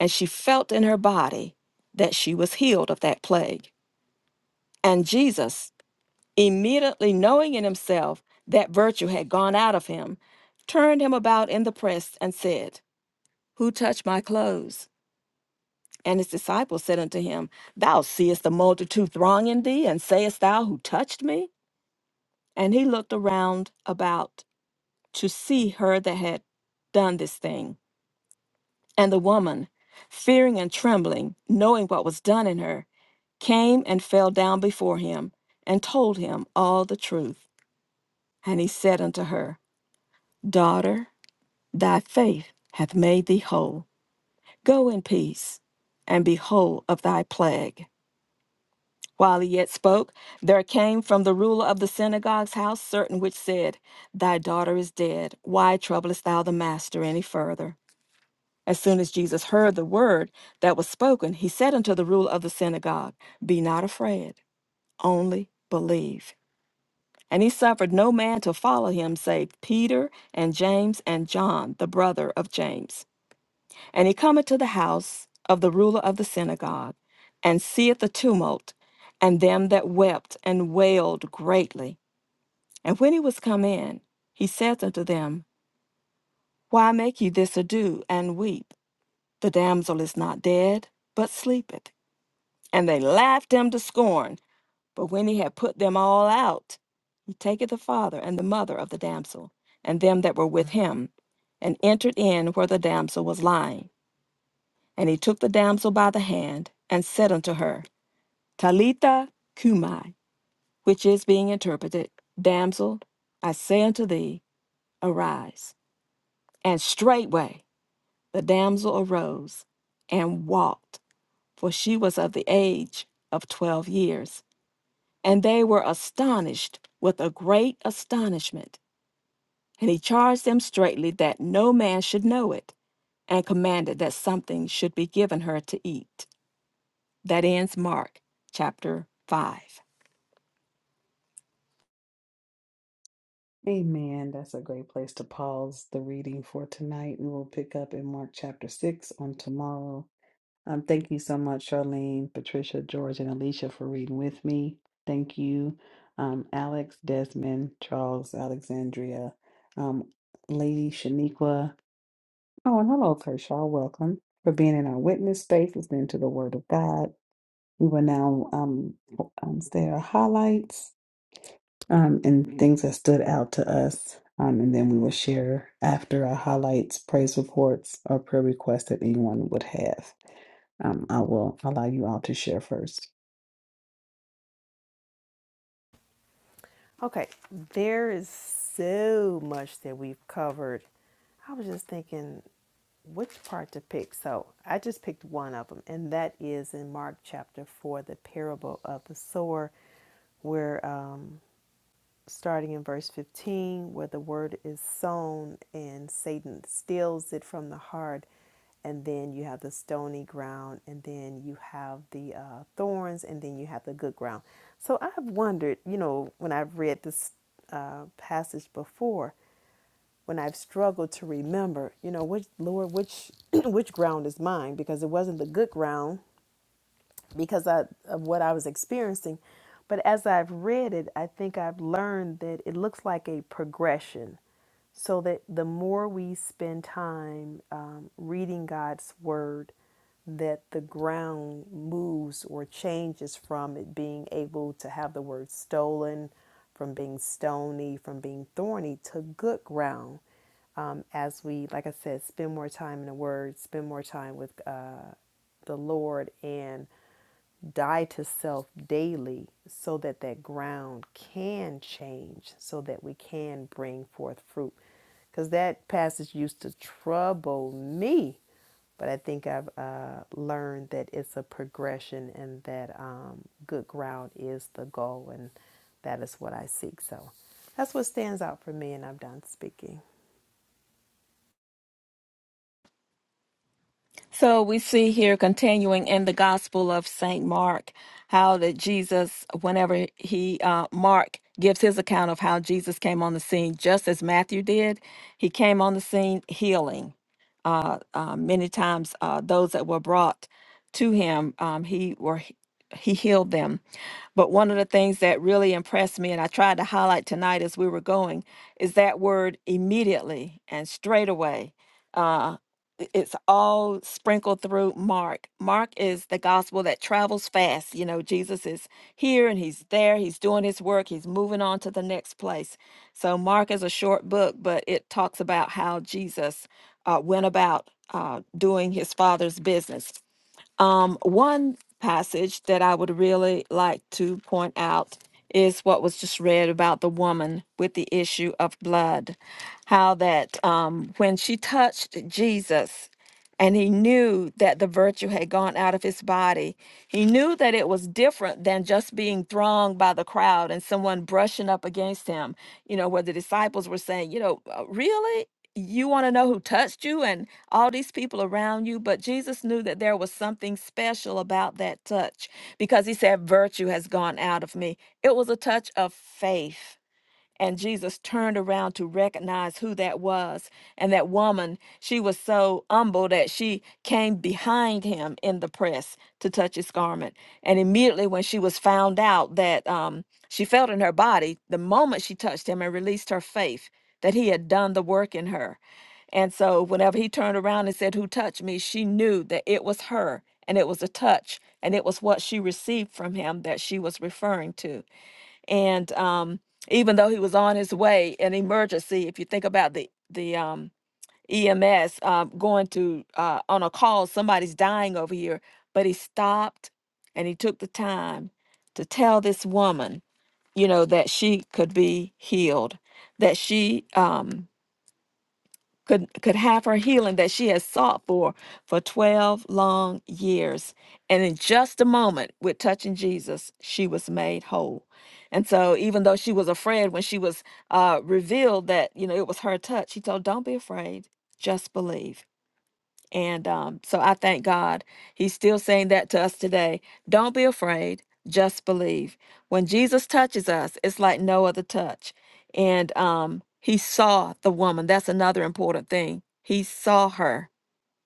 Speaker 3: and she felt in her body that she was healed of that plague. And Jesus, immediately knowing in himself that virtue had gone out of him, turned him about in the press and said, Who touched my clothes? And his disciples said unto him, Thou seest the multitude thronging thee, and sayest thou, Who touched me? And he looked around about to see her that had done this thing. And the woman, fearing and trembling, knowing what was done in her, came and fell down before him and told him all the truth. And he said unto her, Daughter, thy faith hath made thee whole. Go in peace and be whole of thy plague. While he yet spoke, there came from the ruler of the synagogue's house certain which said, Thy daughter is dead. Why troublest thou the master any further? As soon as Jesus heard the word that was spoken, he said unto the ruler of the synagogue, Be not afraid, only believe. And he suffered no man to follow him save Peter and James and John, the brother of James. And he cometh to the house of the ruler of the synagogue, and seeth the tumult, and them that wept and wailed greatly. And when he was come in, he saith unto them, Why make ye this ado and weep? The damsel is not dead, but sleepeth. and they laughed him to scorn. But when he had put them all out, he taketh the father and the mother of the damsel, and them that were with him, and entered in where the damsel was lying. And he took the damsel by the hand, and said unto her, Talitha cumai, which is being interpreted, Damsel, I say unto thee, arise. And straightway the damsel arose and walked, for she was of the age of twelve years And they were astonished with a great astonishment. And he charged them straitly that no man should know it, and commanded that something should be given her to eat. That ends Mark chapter 5.
Speaker 1: Amen. That's a great place to pause the reading for tonight. And we'll pick up in Mark chapter 6 on tomorrow. Um, thank you so much, Charlene, Patricia, George, and Alicia for reading with me. Thank you, um, Alex, Desmond, Charles, Alexandria, um, Lady Shaniqua. Oh, and hello, Kershaw. Welcome for being in our witness space, listening to the Word of God. We will now um, um say our highlights um, and things that stood out to us, um, and then we will share after our highlights, praise reports, or prayer requests that anyone would have. Um, I will allow you all to share first.
Speaker 2: Okay, there is so much that we've covered. I was just thinking which part to pick. So I just picked one of them, and that is in Mark chapter 4, the parable of the sower, where um, starting in verse 15, where the word is sown and Satan steals it from the heart. And then you have the stony ground, and then you have the uh, thorns, and then you have the good ground. So I've wondered, you know, when I've read this uh, passage before, when I've struggled to remember, you know, which Lord, which which ground is mine? Because it wasn't the good ground because I, of what I was experiencing. But as I've read it, I think I've learned that it looks like a progression. So that the more we spend time um, reading God's word, that the ground moves or changes from it being able to have the word stolen, from being stony, from being thorny to good ground. Um, as we, like I said, spend more time in the word, spend more time with uh, the Lord, and die to self daily so that that ground can change so that we can bring forth fruit because that passage used to trouble me but i think i've uh, learned that it's a progression and that um, good ground is the goal and that is what i seek so that's what stands out for me and i'm done speaking
Speaker 3: So we see here, continuing in the Gospel of St. Mark, how that Jesus, whenever he, uh, Mark gives his account of how Jesus came on the scene, just as Matthew did, he came on the scene healing. Uh, uh, many times, uh, those that were brought to him, um, he were he healed them. But one of the things that really impressed me, and I tried to highlight tonight as we were going, is that word immediately and straightaway i- it's all sprinkled through Mark. Mark is the gospel that travels fast. You know, Jesus is here and he's there, he's doing his work, he's moving on to the next place. So, Mark is a short book, but it talks about how Jesus uh, went about uh, doing his father's business. Um, one passage that I would really like to point out is what was just read about the woman with the issue of blood. How that um, when she touched Jesus and he knew that the virtue had gone out of his body, he knew that it was different than just being thronged by the crowd and someone brushing up against him. You know, where the disciples were saying, you know, "Uh, really? you want to know who touched you and all these people around you. But Jesus knew that there was something special about that touch because he said, Virtue has gone out of me. It was a touch of faith. And Jesus turned around to recognize who that was. And that woman, she was so humble that she came behind him in the press to touch his garment. And immediately, when she was found out that um, she felt in her body, the moment she touched him and released her faith that he had done the work in her. And so, whenever he turned around and said, Who touched me? she knew that it was her and it was a touch and it was what she received from him that she was referring to and um, even though he was on his way, an emergency. If you think about the the um, EMS uh, going to uh, on a call, somebody's dying over here, but he stopped and he took the time to tell this woman, you know, that she could be healed, that she um, could could have her healing that she has sought for for 12 long years and in just a moment with touching jesus she was made whole and so even though she was afraid when she was uh, revealed that you know it was her touch he told don't be afraid just believe and um, so I thank God. He's still saying that to us today. Don't be afraid, just believe. When Jesus touches us, it's like no other touch. And um, he saw the woman. That's another important thing. He saw her.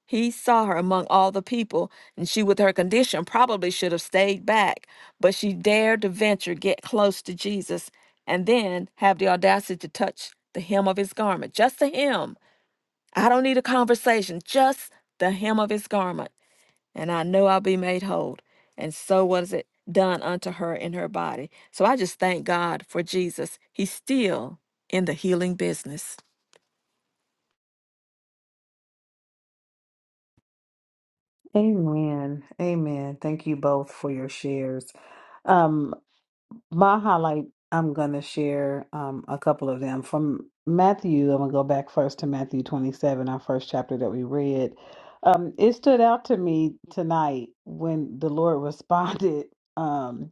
Speaker 3: He saw her among all the people, and she, with her condition, probably should have stayed back, but she dared to venture, get close to Jesus, and then have the audacity to touch the hem of his garment, just the hem I don't need a conversation, just the hem of his garment, and I know I'll be made whole. And so was it done unto her in her body. So I just thank God for Jesus. He's still in the healing business.
Speaker 1: Amen. Amen. Thank you both for your shares. My highlight, I'm going to share um, a couple of them. From Matthew, I'm going to go back first to Matthew 27, our first chapter that we read. Um, it stood out to me tonight when the Lord responded, um,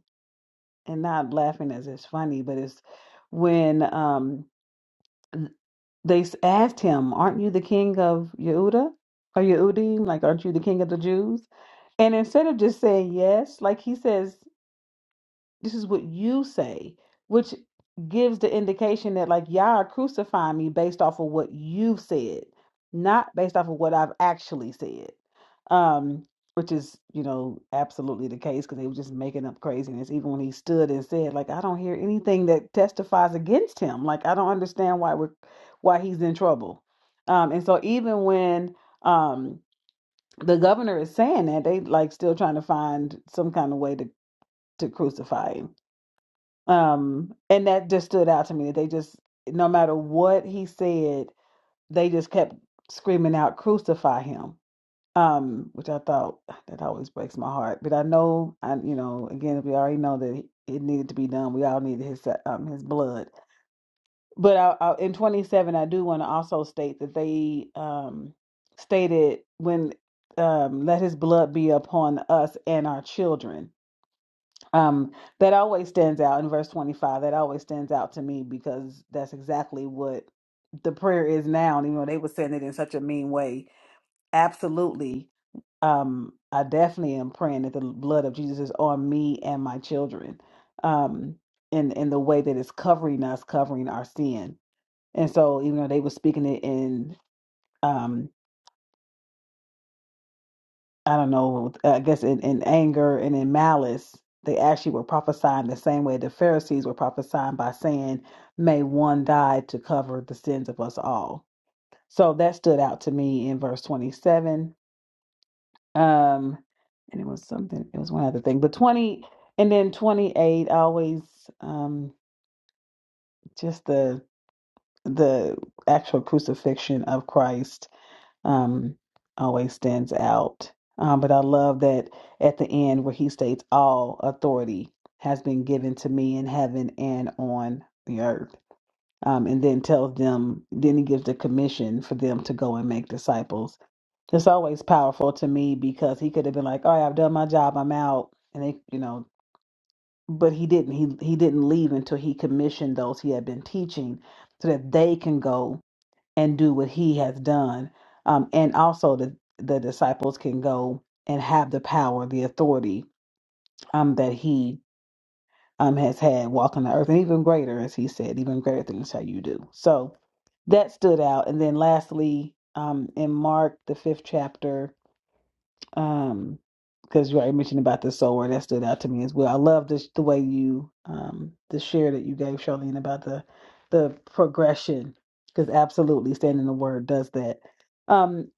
Speaker 1: and not laughing as it's funny, but it's when um, they s- asked him, Aren't you the king of Yehuda? Or Yehudim? Like, aren't you the king of the Jews? And instead of just saying yes, like he says, this is what you say, which gives the indication that like y'all are crucifying me based off of what you've said, not based off of what I've actually said. Um, which is, you know, absolutely the case because they were just making up craziness. Even when he stood and said, like, I don't hear anything that testifies against him. Like, I don't understand why we're why he's in trouble. Um, and so even when um the governor is saying that, they like still trying to find some kind of way to to crucify him um, and that just stood out to me that they just, no matter what he said, they just kept screaming out, "Crucify him!" Um, which I thought that always breaks my heart. But I know, I you know, again, we already know that it needed to be done. We all needed his um his blood. But I, I, in 27, I do want to also state that they um stated when um let his blood be upon us and our children um, that always stands out in verse 25. That always stands out to me because that's exactly what the prayer is now. And even though they were saying it in such a mean way, absolutely. Um, I definitely am praying that the blood of Jesus is on me and my children. Um, in in the way that it's covering us, covering our sin. And so, even though they were speaking it in um, I don't know, I guess in, in anger and in malice, they actually were prophesying the same way the Pharisees were prophesying by saying, May one die to cover the sins of us all. So that stood out to me in verse 27. Um, and it was something, it was one other thing, but 20 and then 28 always um, just the the actual crucifixion of Christ um, always stands out. Um, but I love that at the end where he states, All authority has been given to me in heaven and on the earth. Um, and then tells them, then he gives the commission for them to go and make disciples. It's always powerful to me because he could have been like, All right, I've done my job, I'm out. And they, you know, but he didn't. He he didn't leave until he commissioned those he had been teaching so that they can go and do what he has done. Um, and also the, the disciples can go and have the power, the authority um, that he um, has had walking the earth, and even greater, as he said, even greater things shall you do. So that stood out. And then lastly, um, in Mark, the fifth chapter, um, because you already mentioned about the soul word that stood out to me as well. I love this the way you um the share that you gave Charlene about the the progression because absolutely standing the word does that. Um,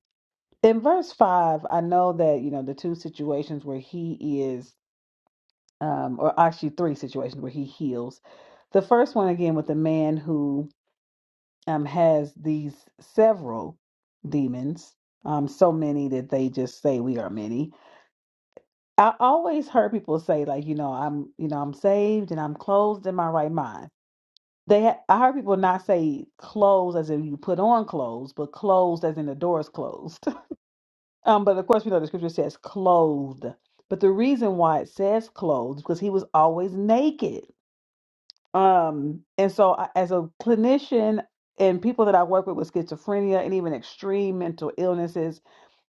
Speaker 1: in verse five, I know that you know the two situations where he is, um, or actually three situations where he heals. The first one again with the man who um has these several demons, um, so many that they just say we are many I always heard people say like, you know, I'm, you know, I'm saved and I'm clothed in my right mind. They, ha- I heard people not say clothes as in you put on clothes, but closed as in the door is closed. um, but of course, we know the scripture says clothed. But the reason why it says clothed is because he was always naked. Um, and so I, as a clinician and people that I work with with schizophrenia and even extreme mental illnesses,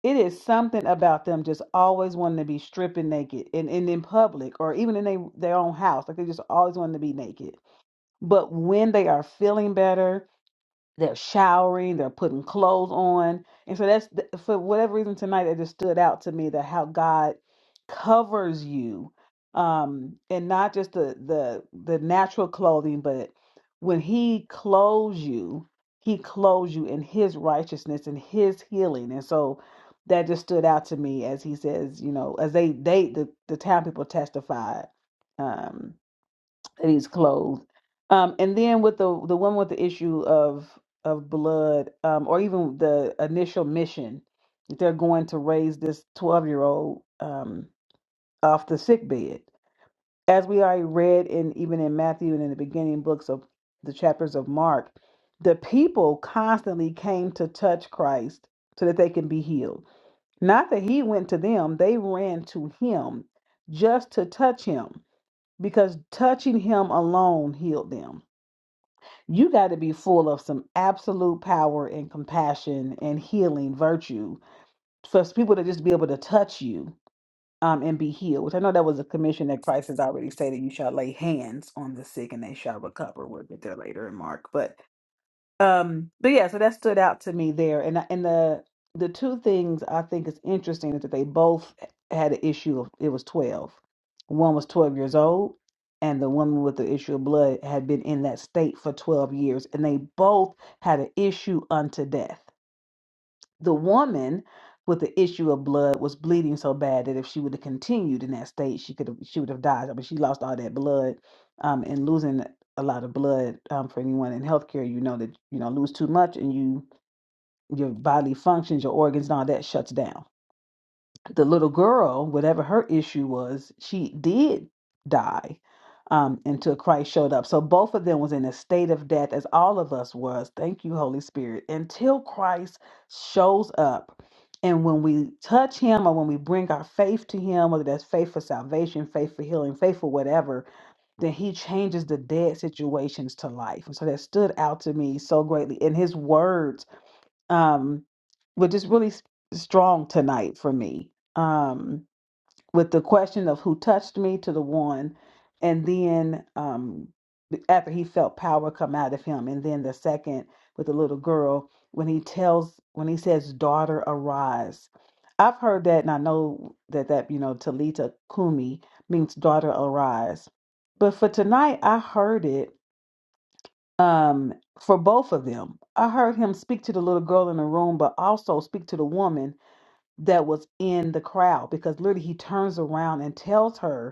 Speaker 1: it is something about them just always wanting to be stripping naked and, and in public or even in they, their own house. Like they just always wanting to be naked. But when they are feeling better, they're showering, they're putting clothes on. And so that's th- for whatever reason tonight it just stood out to me that how God covers you. Um, and not just the the the natural clothing, but when he clothes you, he clothes you in his righteousness and his healing. And so that just stood out to me as he says, you know, as they they the, the town people testified. um, that he's clothed. Um, and then with the the woman with the issue of of blood, um, or even the initial mission, they're going to raise this twelve year old um, off the sick bed, as we already read in even in Matthew and in the beginning books of the chapters of Mark. The people constantly came to touch Christ so that they can be healed. Not that he went to them; they ran to him just to touch him because touching him alone healed them. You got to be full of some absolute power and compassion and healing virtue for people to just be able to touch you um, and be healed. Which I know that was a commission that Christ has already stated you shall lay hands on the sick and they shall recover. We'll get there later in Mark. But um, but yeah, so that stood out to me there, and I- and the the two things I think is interesting is that they both had an issue of it was twelve. One was twelve years old, and the woman with the issue of blood had been in that state for twelve years, and they both had an issue unto death. The woman with the issue of blood was bleeding so bad that if she would have continued in that state, she could have she would have died. I mean, she lost all that blood, um, and losing a lot of blood um, for anyone in healthcare, you know that you know lose too much and you your bodily functions, your organs, and all that shuts down the little girl, whatever her issue was, she did die um, until Christ showed up. So both of them was in a state of death, as all of us was. Thank you, Holy Spirit. Until Christ shows up, and when we touch Him, or when we bring our faith to Him, whether that's faith for salvation, faith for healing, faith for whatever, then He changes the dead situations to life. And so that stood out to me so greatly. In His words um, was just really s- strong tonight for me um, with the question of who touched me to the one, and then um, after he felt power come out of him, and then the second with the little girl when he tells when he says, "Daughter, arise." I've heard that, and I know that that you know Talita Kumi means daughter arise, but for tonight I heard it um, for both of them. I heard him speak to the little girl in the room, but also speak to the woman that was in the crowd because literally he turns around and tells her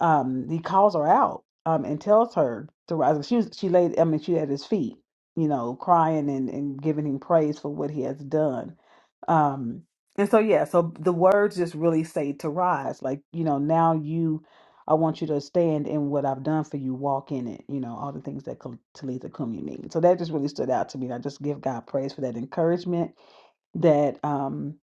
Speaker 1: um, he calls her out um, and tells her to rise. She was, she laid, I mean, she at his feet, you know, crying and, and giving him praise for what he has done. Um, and so, yeah, so the words just really say to rise, like, you know, now you, I want you to stand in what I've done for you, walk in it, you know, all the things that Kal- Talitha Kumi means. So that just really stood out to me. And I just give God praise for that encouragement that, um,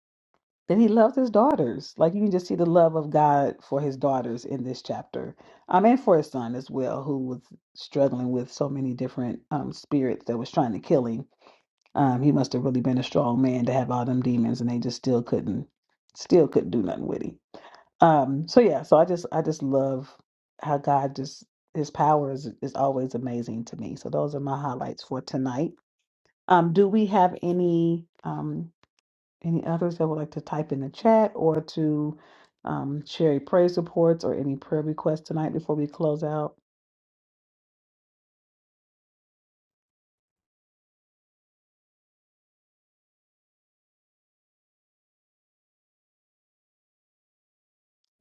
Speaker 1: then he loved his daughters. Like you can just see the love of God for his daughters in this chapter, um, and for his son as well, who was struggling with so many different um, spirits that was trying to kill him. Um, he must have really been a strong man to have all them demons, and they just still couldn't, still couldn't do nothing with him. Um, so yeah, so I just, I just love how God just His power is is always amazing to me. So those are my highlights for tonight. Um, do we have any? um? Any others that would like to type in the chat or to um, share your praise reports or any prayer requests tonight before we close out?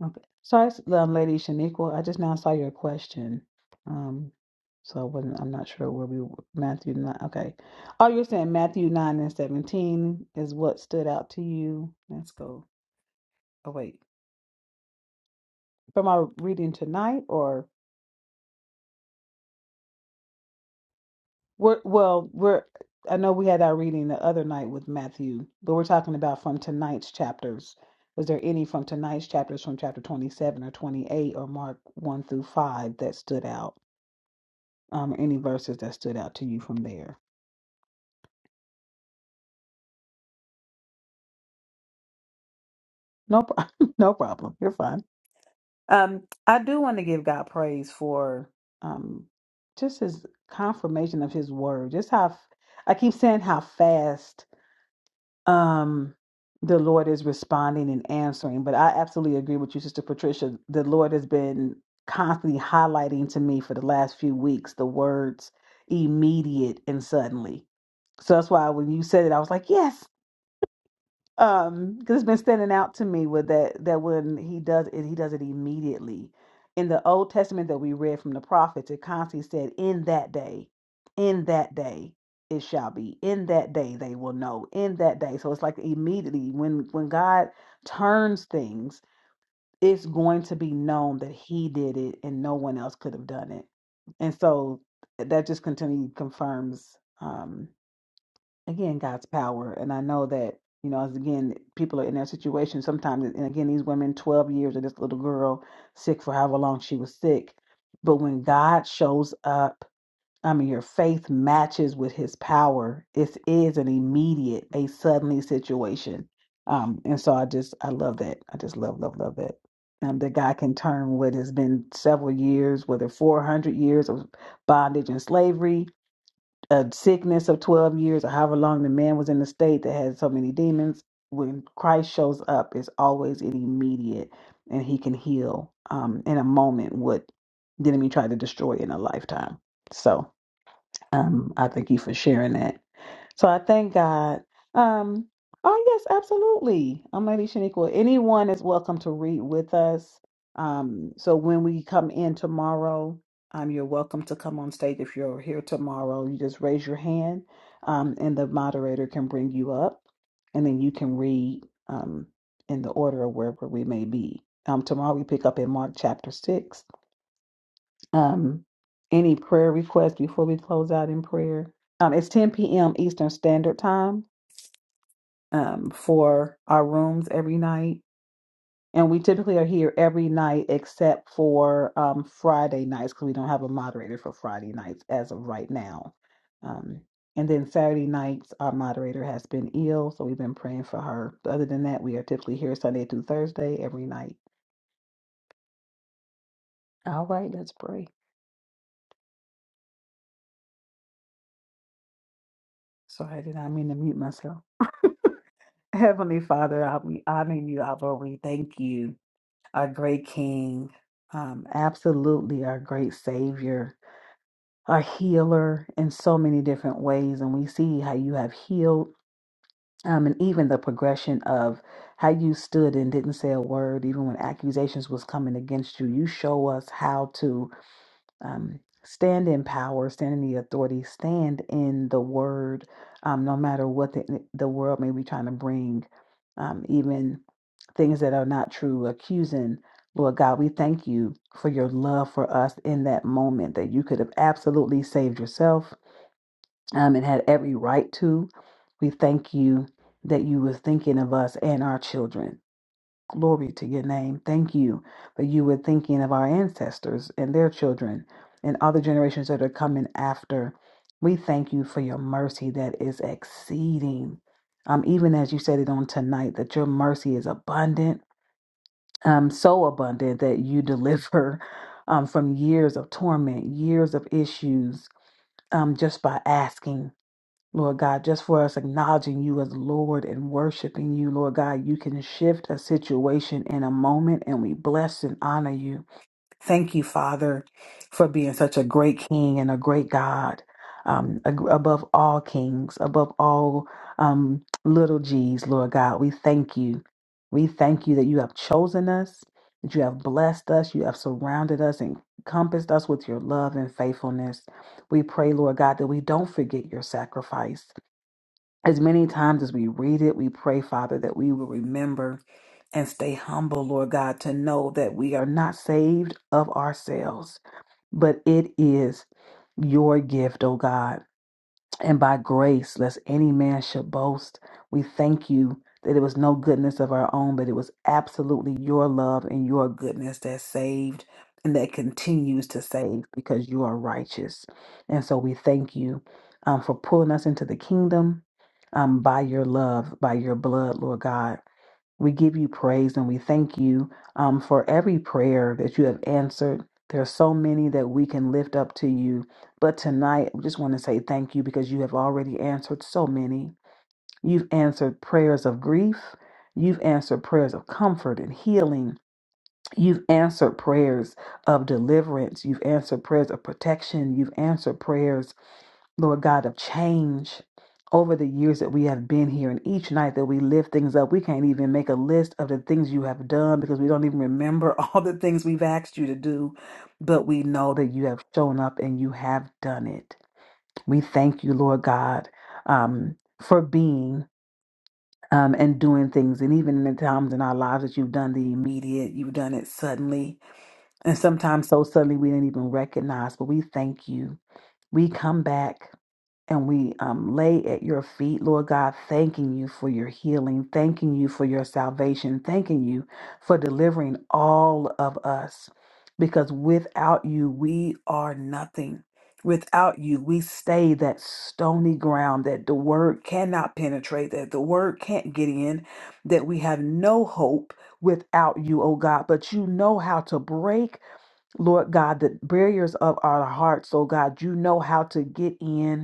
Speaker 1: Okay. Sorry, s- um, Lady Shaniqua, I just now saw your question. Um, so I wasn't, I'm not sure where we were. Matthew 9. Okay. Oh, you're saying Matthew 9 and 17 is what stood out to you. Let's go. Oh, wait. From our reading tonight or? We're, well, we're, I know we had our reading the other night with Matthew, but we're talking about from tonight's chapters. Was there any from tonight's chapters from chapter 27 or 28 or Mark 1 through 5 that stood out? Um, any verses that stood out to you from there? No, pro- no problem. You're fine. Um, I do want to give God praise for um, just his confirmation of his word. Just how f- I keep saying how fast um the lord is responding and answering but i absolutely agree with you sister patricia the lord has been constantly highlighting to me for the last few weeks the words immediate and suddenly so that's why when you said it i was like yes um because it's been standing out to me with that that when he does it he does it immediately in the old testament that we read from the prophets it constantly said in that day in that day it shall be in that day they will know in that day so it's like immediately when when god turns things it's going to be known that he did it and no one else could have done it and so that just continually confirms Um, again God's power. And I know that you know, as again, people are in their situation sometimes. And again, these women, twelve years of this little girl, sick for however long she was sick. But when God shows up, I mean, your faith matches with His power. It is an immediate, a suddenly situation. Um, and so I just, I love that. I just love, love, love that. Um, that God can turn what has been several years, whether 400 years of bondage and slavery, a sickness of 12 years or however long the man was in the state that had so many demons when christ shows up it's always an immediate and he can heal um, in a moment what the enemy tried to destroy in a lifetime so um, i thank you for sharing that so I thank God. Um, oh yes, absolutely. I'm Lady Shaniqua. Anyone is welcome to read with us. Um, so when we come in tomorrow, um, you're welcome to come on stage if you're here tomorrow. You just raise your hand, um, and the moderator can bring you up, and then you can read um, in the order of wherever we may be. Um, tomorrow we pick up in Mark chapter six. Um, any prayer requests before we close out in prayer? Um, it's 10 p.m. Eastern Standard Time um, for our rooms every night. And we typically are here every night except for um, Friday nights because we don't have a moderator for Friday nights as of right now. Um, and then Saturday nights, our moderator has been ill, so we've been praying for her. But Other than that, we are typically here Sunday through Thursday every night. All right, let's pray. Sorry, I did I mean to mute myself? Heavenly Father, I, we honor you, Abba. We thank you, our great King, um, absolutely our great Savior. A healer in so many different ways. And we see how you have healed, um, and even the progression of how you stood and didn't say a word, even when accusations was coming against you. You show us how to um, stand in power, stand in the authority, stand in the word, um, no matter what the, eh, the world may be trying to bring, um, even things that are not true, accusing. Lord God, we thank you for your love for us in that moment that you could have absolutely saved yourself um, and had every right to. We thank you that you were thinking of us and our children. Glory to your name. Thank you that you were thinking of our ancestors and their children and other generations that are coming after. We thank you for your mercy that is exceeding. Um, even as you said it on tonight, that your mercy is abundant, um, so abundant that you deliver um, from years of torment, years of issues, um, just by asking Lord God, just for us acknowledging you as Lord and worshiping you, Lord God, you can shift a situation in a moment, and we bless and honor you. Thank you, Father, for being such a great King and a great God, um, ag- above all kings, above all um, little g's, Lord God. We thank you. We thank you that you have chosen us, that you have blessed us, you have surrounded us and encompassed us with your love and faithfulness. We pray, Lord God, that we don't forget your sacrifice. As many times as we read it, we pray, Father, that we will remember and stay humble, Lord God, to know that we are not saved of ourselves, but it is your gift, oh God and by grace, lest any man should boast. We thank you that it was no goodness of our own, but it was absolutely your love and your goodness that saved and that continues to save because you are righteous. And so we thank you um, for pulling us into the kingdom um, by your love, by your blood, Lord God. We give you praise and we thank you um, for every prayer that you have answered. There are so many that we can lift up to you. But tonight, we just want to say thank you because you have already answered so many. You've answered prayers of grief, you've answered prayers of comfort and healing. You've answered prayers of deliverance. You've answered prayers of protection. You've answered prayers Lord God, of change over the years that we have been here. And each night that we lift things up, we can't even make a list of the things you have done because we don't even remember all the things we've asked you to do. But we know that you have shown up and you have done it. We thank you, Lord God, um, for being. Um, and doing things, and even in the times in our lives that you've done the immediate, you've done it suddenly, and sometimes so suddenly we didn't even recognize. But we thank you. We come back and we um, lay at your feet, Lord God, thanking you for your healing, thanking you for your salvation, thanking you for delivering all of us. Because without you, we are nothing. Without you, we stay that stony ground that the word cannot penetrate, that the word can't get in, that we have no hope without you, oh God. But you know how to break, Lord God, the barriers of our hearts, oh God. You know how to get in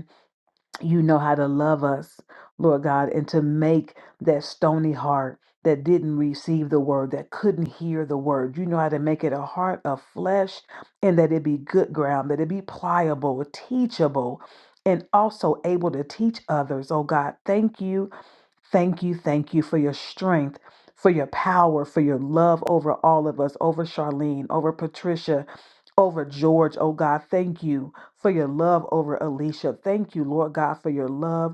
Speaker 1: you know how to love us, Lord God, and to make that stony heart that didn't receive the word, that couldn't hear the word. You know how to make it a heart of flesh and that it be good ground, that it be pliable, teachable, and also able to teach others. Oh God, thank you Thank you, thank you for your strength, for your power, for your love over all of us, over Charlene, over Patricia, over George. Oh God, thank you for your love over Alicia. Thank you, Lord God, for your love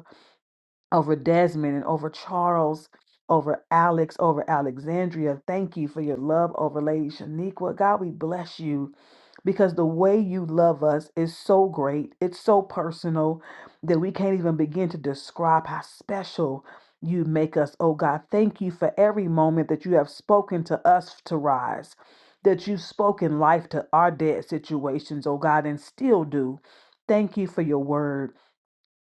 Speaker 1: over Desmond and over Charles, over Alex, over Alexandria. Thank you for your love over Lady Shaniqua. God, we bless you because the way you love us is so great. It's so personal that we can't even begin to describe how special you make us. Oh God, thank you for every moment that you have spoken to us to rise. That you've spoken life to our dead situations, oh God, and still do. Thank you for your word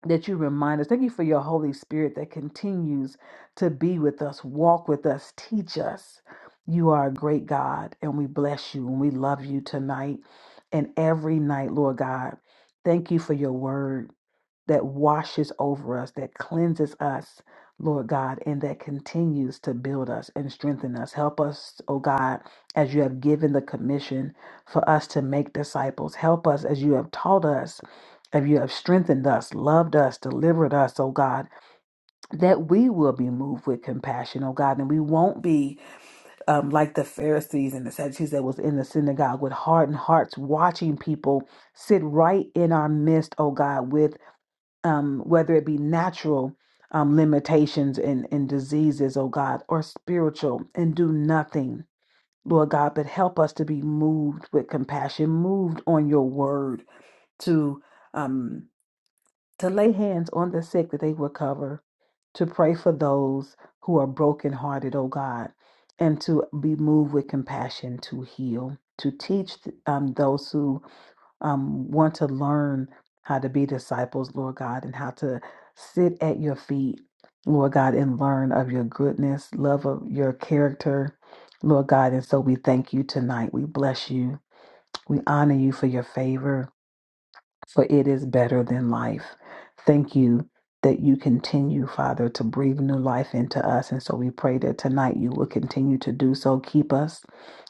Speaker 1: that you remind us. Thank you for your Holy Spirit that continues to be with us, walk with us, teach us. You are a great God, and we bless you and we love you tonight and every night, Lord God. Thank you for your word that washes over us, that cleanses us, Lord God, and that continues to build us and strengthen us. Help us, oh God, as you have given the commission for us to make disciples. Help us as you have taught us, as you have strengthened us, loved us, delivered us, oh God, that we will be moved with compassion, oh God, and we won't be um, like the Pharisees and the Sadducees that was in the synagogue with hardened hearts, watching people sit right in our midst, oh God, with um, whether it be natural um, limitations and, and diseases, oh God, or spiritual, and do nothing, Lord God, but help us to be moved with compassion, moved on your word to um, to lay hands on the sick that they recover, to pray for those who are brokenhearted, oh God, and to be moved with compassion to heal, to teach um, those who um, want to learn how to be disciples, Lord God, and how to sit at your feet, Lord God, and learn of your goodness, love of your character, Lord God. And so we thank you tonight. We bless you. We honor you for your favor for it is better than life. Thank you that you continue, Father, to breathe new life into us. And so we pray that tonight you will continue to do so. Keep us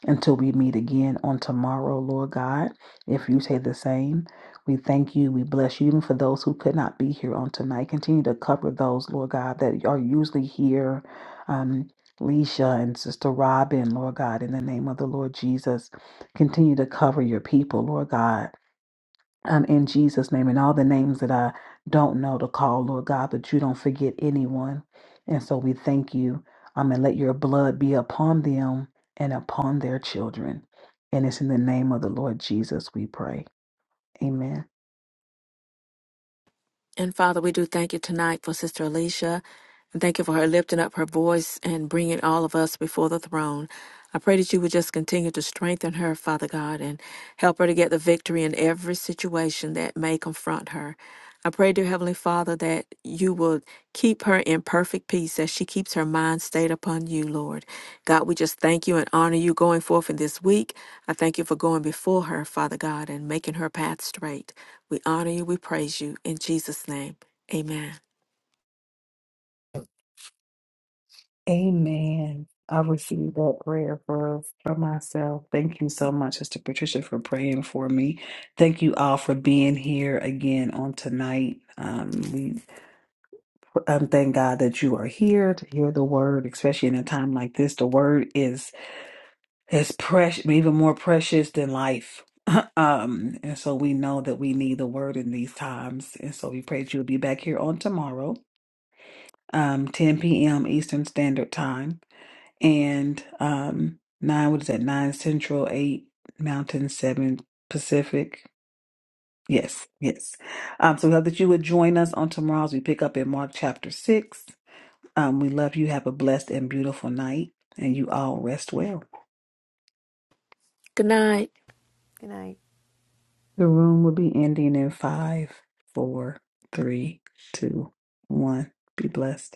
Speaker 1: until we meet again on tomorrow, Lord God, if you say the same. We thank you. We bless you, even for those who could not be here on tonight. Continue to cover those, Lord God, that are usually here. Um, Leisha and Sister Robin, Lord God, in the name of the Lord Jesus, continue to cover your people, Lord God um, in Jesus' name and all the names that I don't know to call, Lord God, that you don't forget anyone. And so we thank you um, and let your blood be upon them and upon their children. And it's in the name of the Lord Jesus we pray. Amen.
Speaker 3: And Father, we do thank you tonight for Sister Alicia. And thank you for her lifting up her voice and bringing all of us before the throne. I pray that you would just continue to strengthen her, Father God, and help her to get the victory in every situation that may confront her. I pray, dear Heavenly Father. Father, that you will keep her in perfect peace as she keeps her mind stayed upon you, Lord. God, we just thank you and honor you going forth in this week. I thank you for going before her, Father God, and making her path straight. We honor you, we praise you. In Jesus' name, amen.
Speaker 1: Amen. I received that prayer for, for myself. Thank you so much, Sister Patricia, for praying for me. Thank you all for being here again on tonight. Um. Um, thank God that you are here to hear the word, especially in a time like this. The word is is precious, even more precious than life. um, and so we know that we need the word in these times. And so we pray that you'll be back here on tomorrow, um, 10 p.m. Eastern Standard Time, and um, nine. What is that? Nine Central, eight Mountain, seven Pacific. Yes, yes. Um, so we hope that you would join us on tomorrow as we pick up in Mark chapter six. Um, we love you. Have a blessed and beautiful night, and you all rest well.
Speaker 3: Good night.
Speaker 2: good night
Speaker 1: The room will be ending in five, four, three, two, one. Be blessed.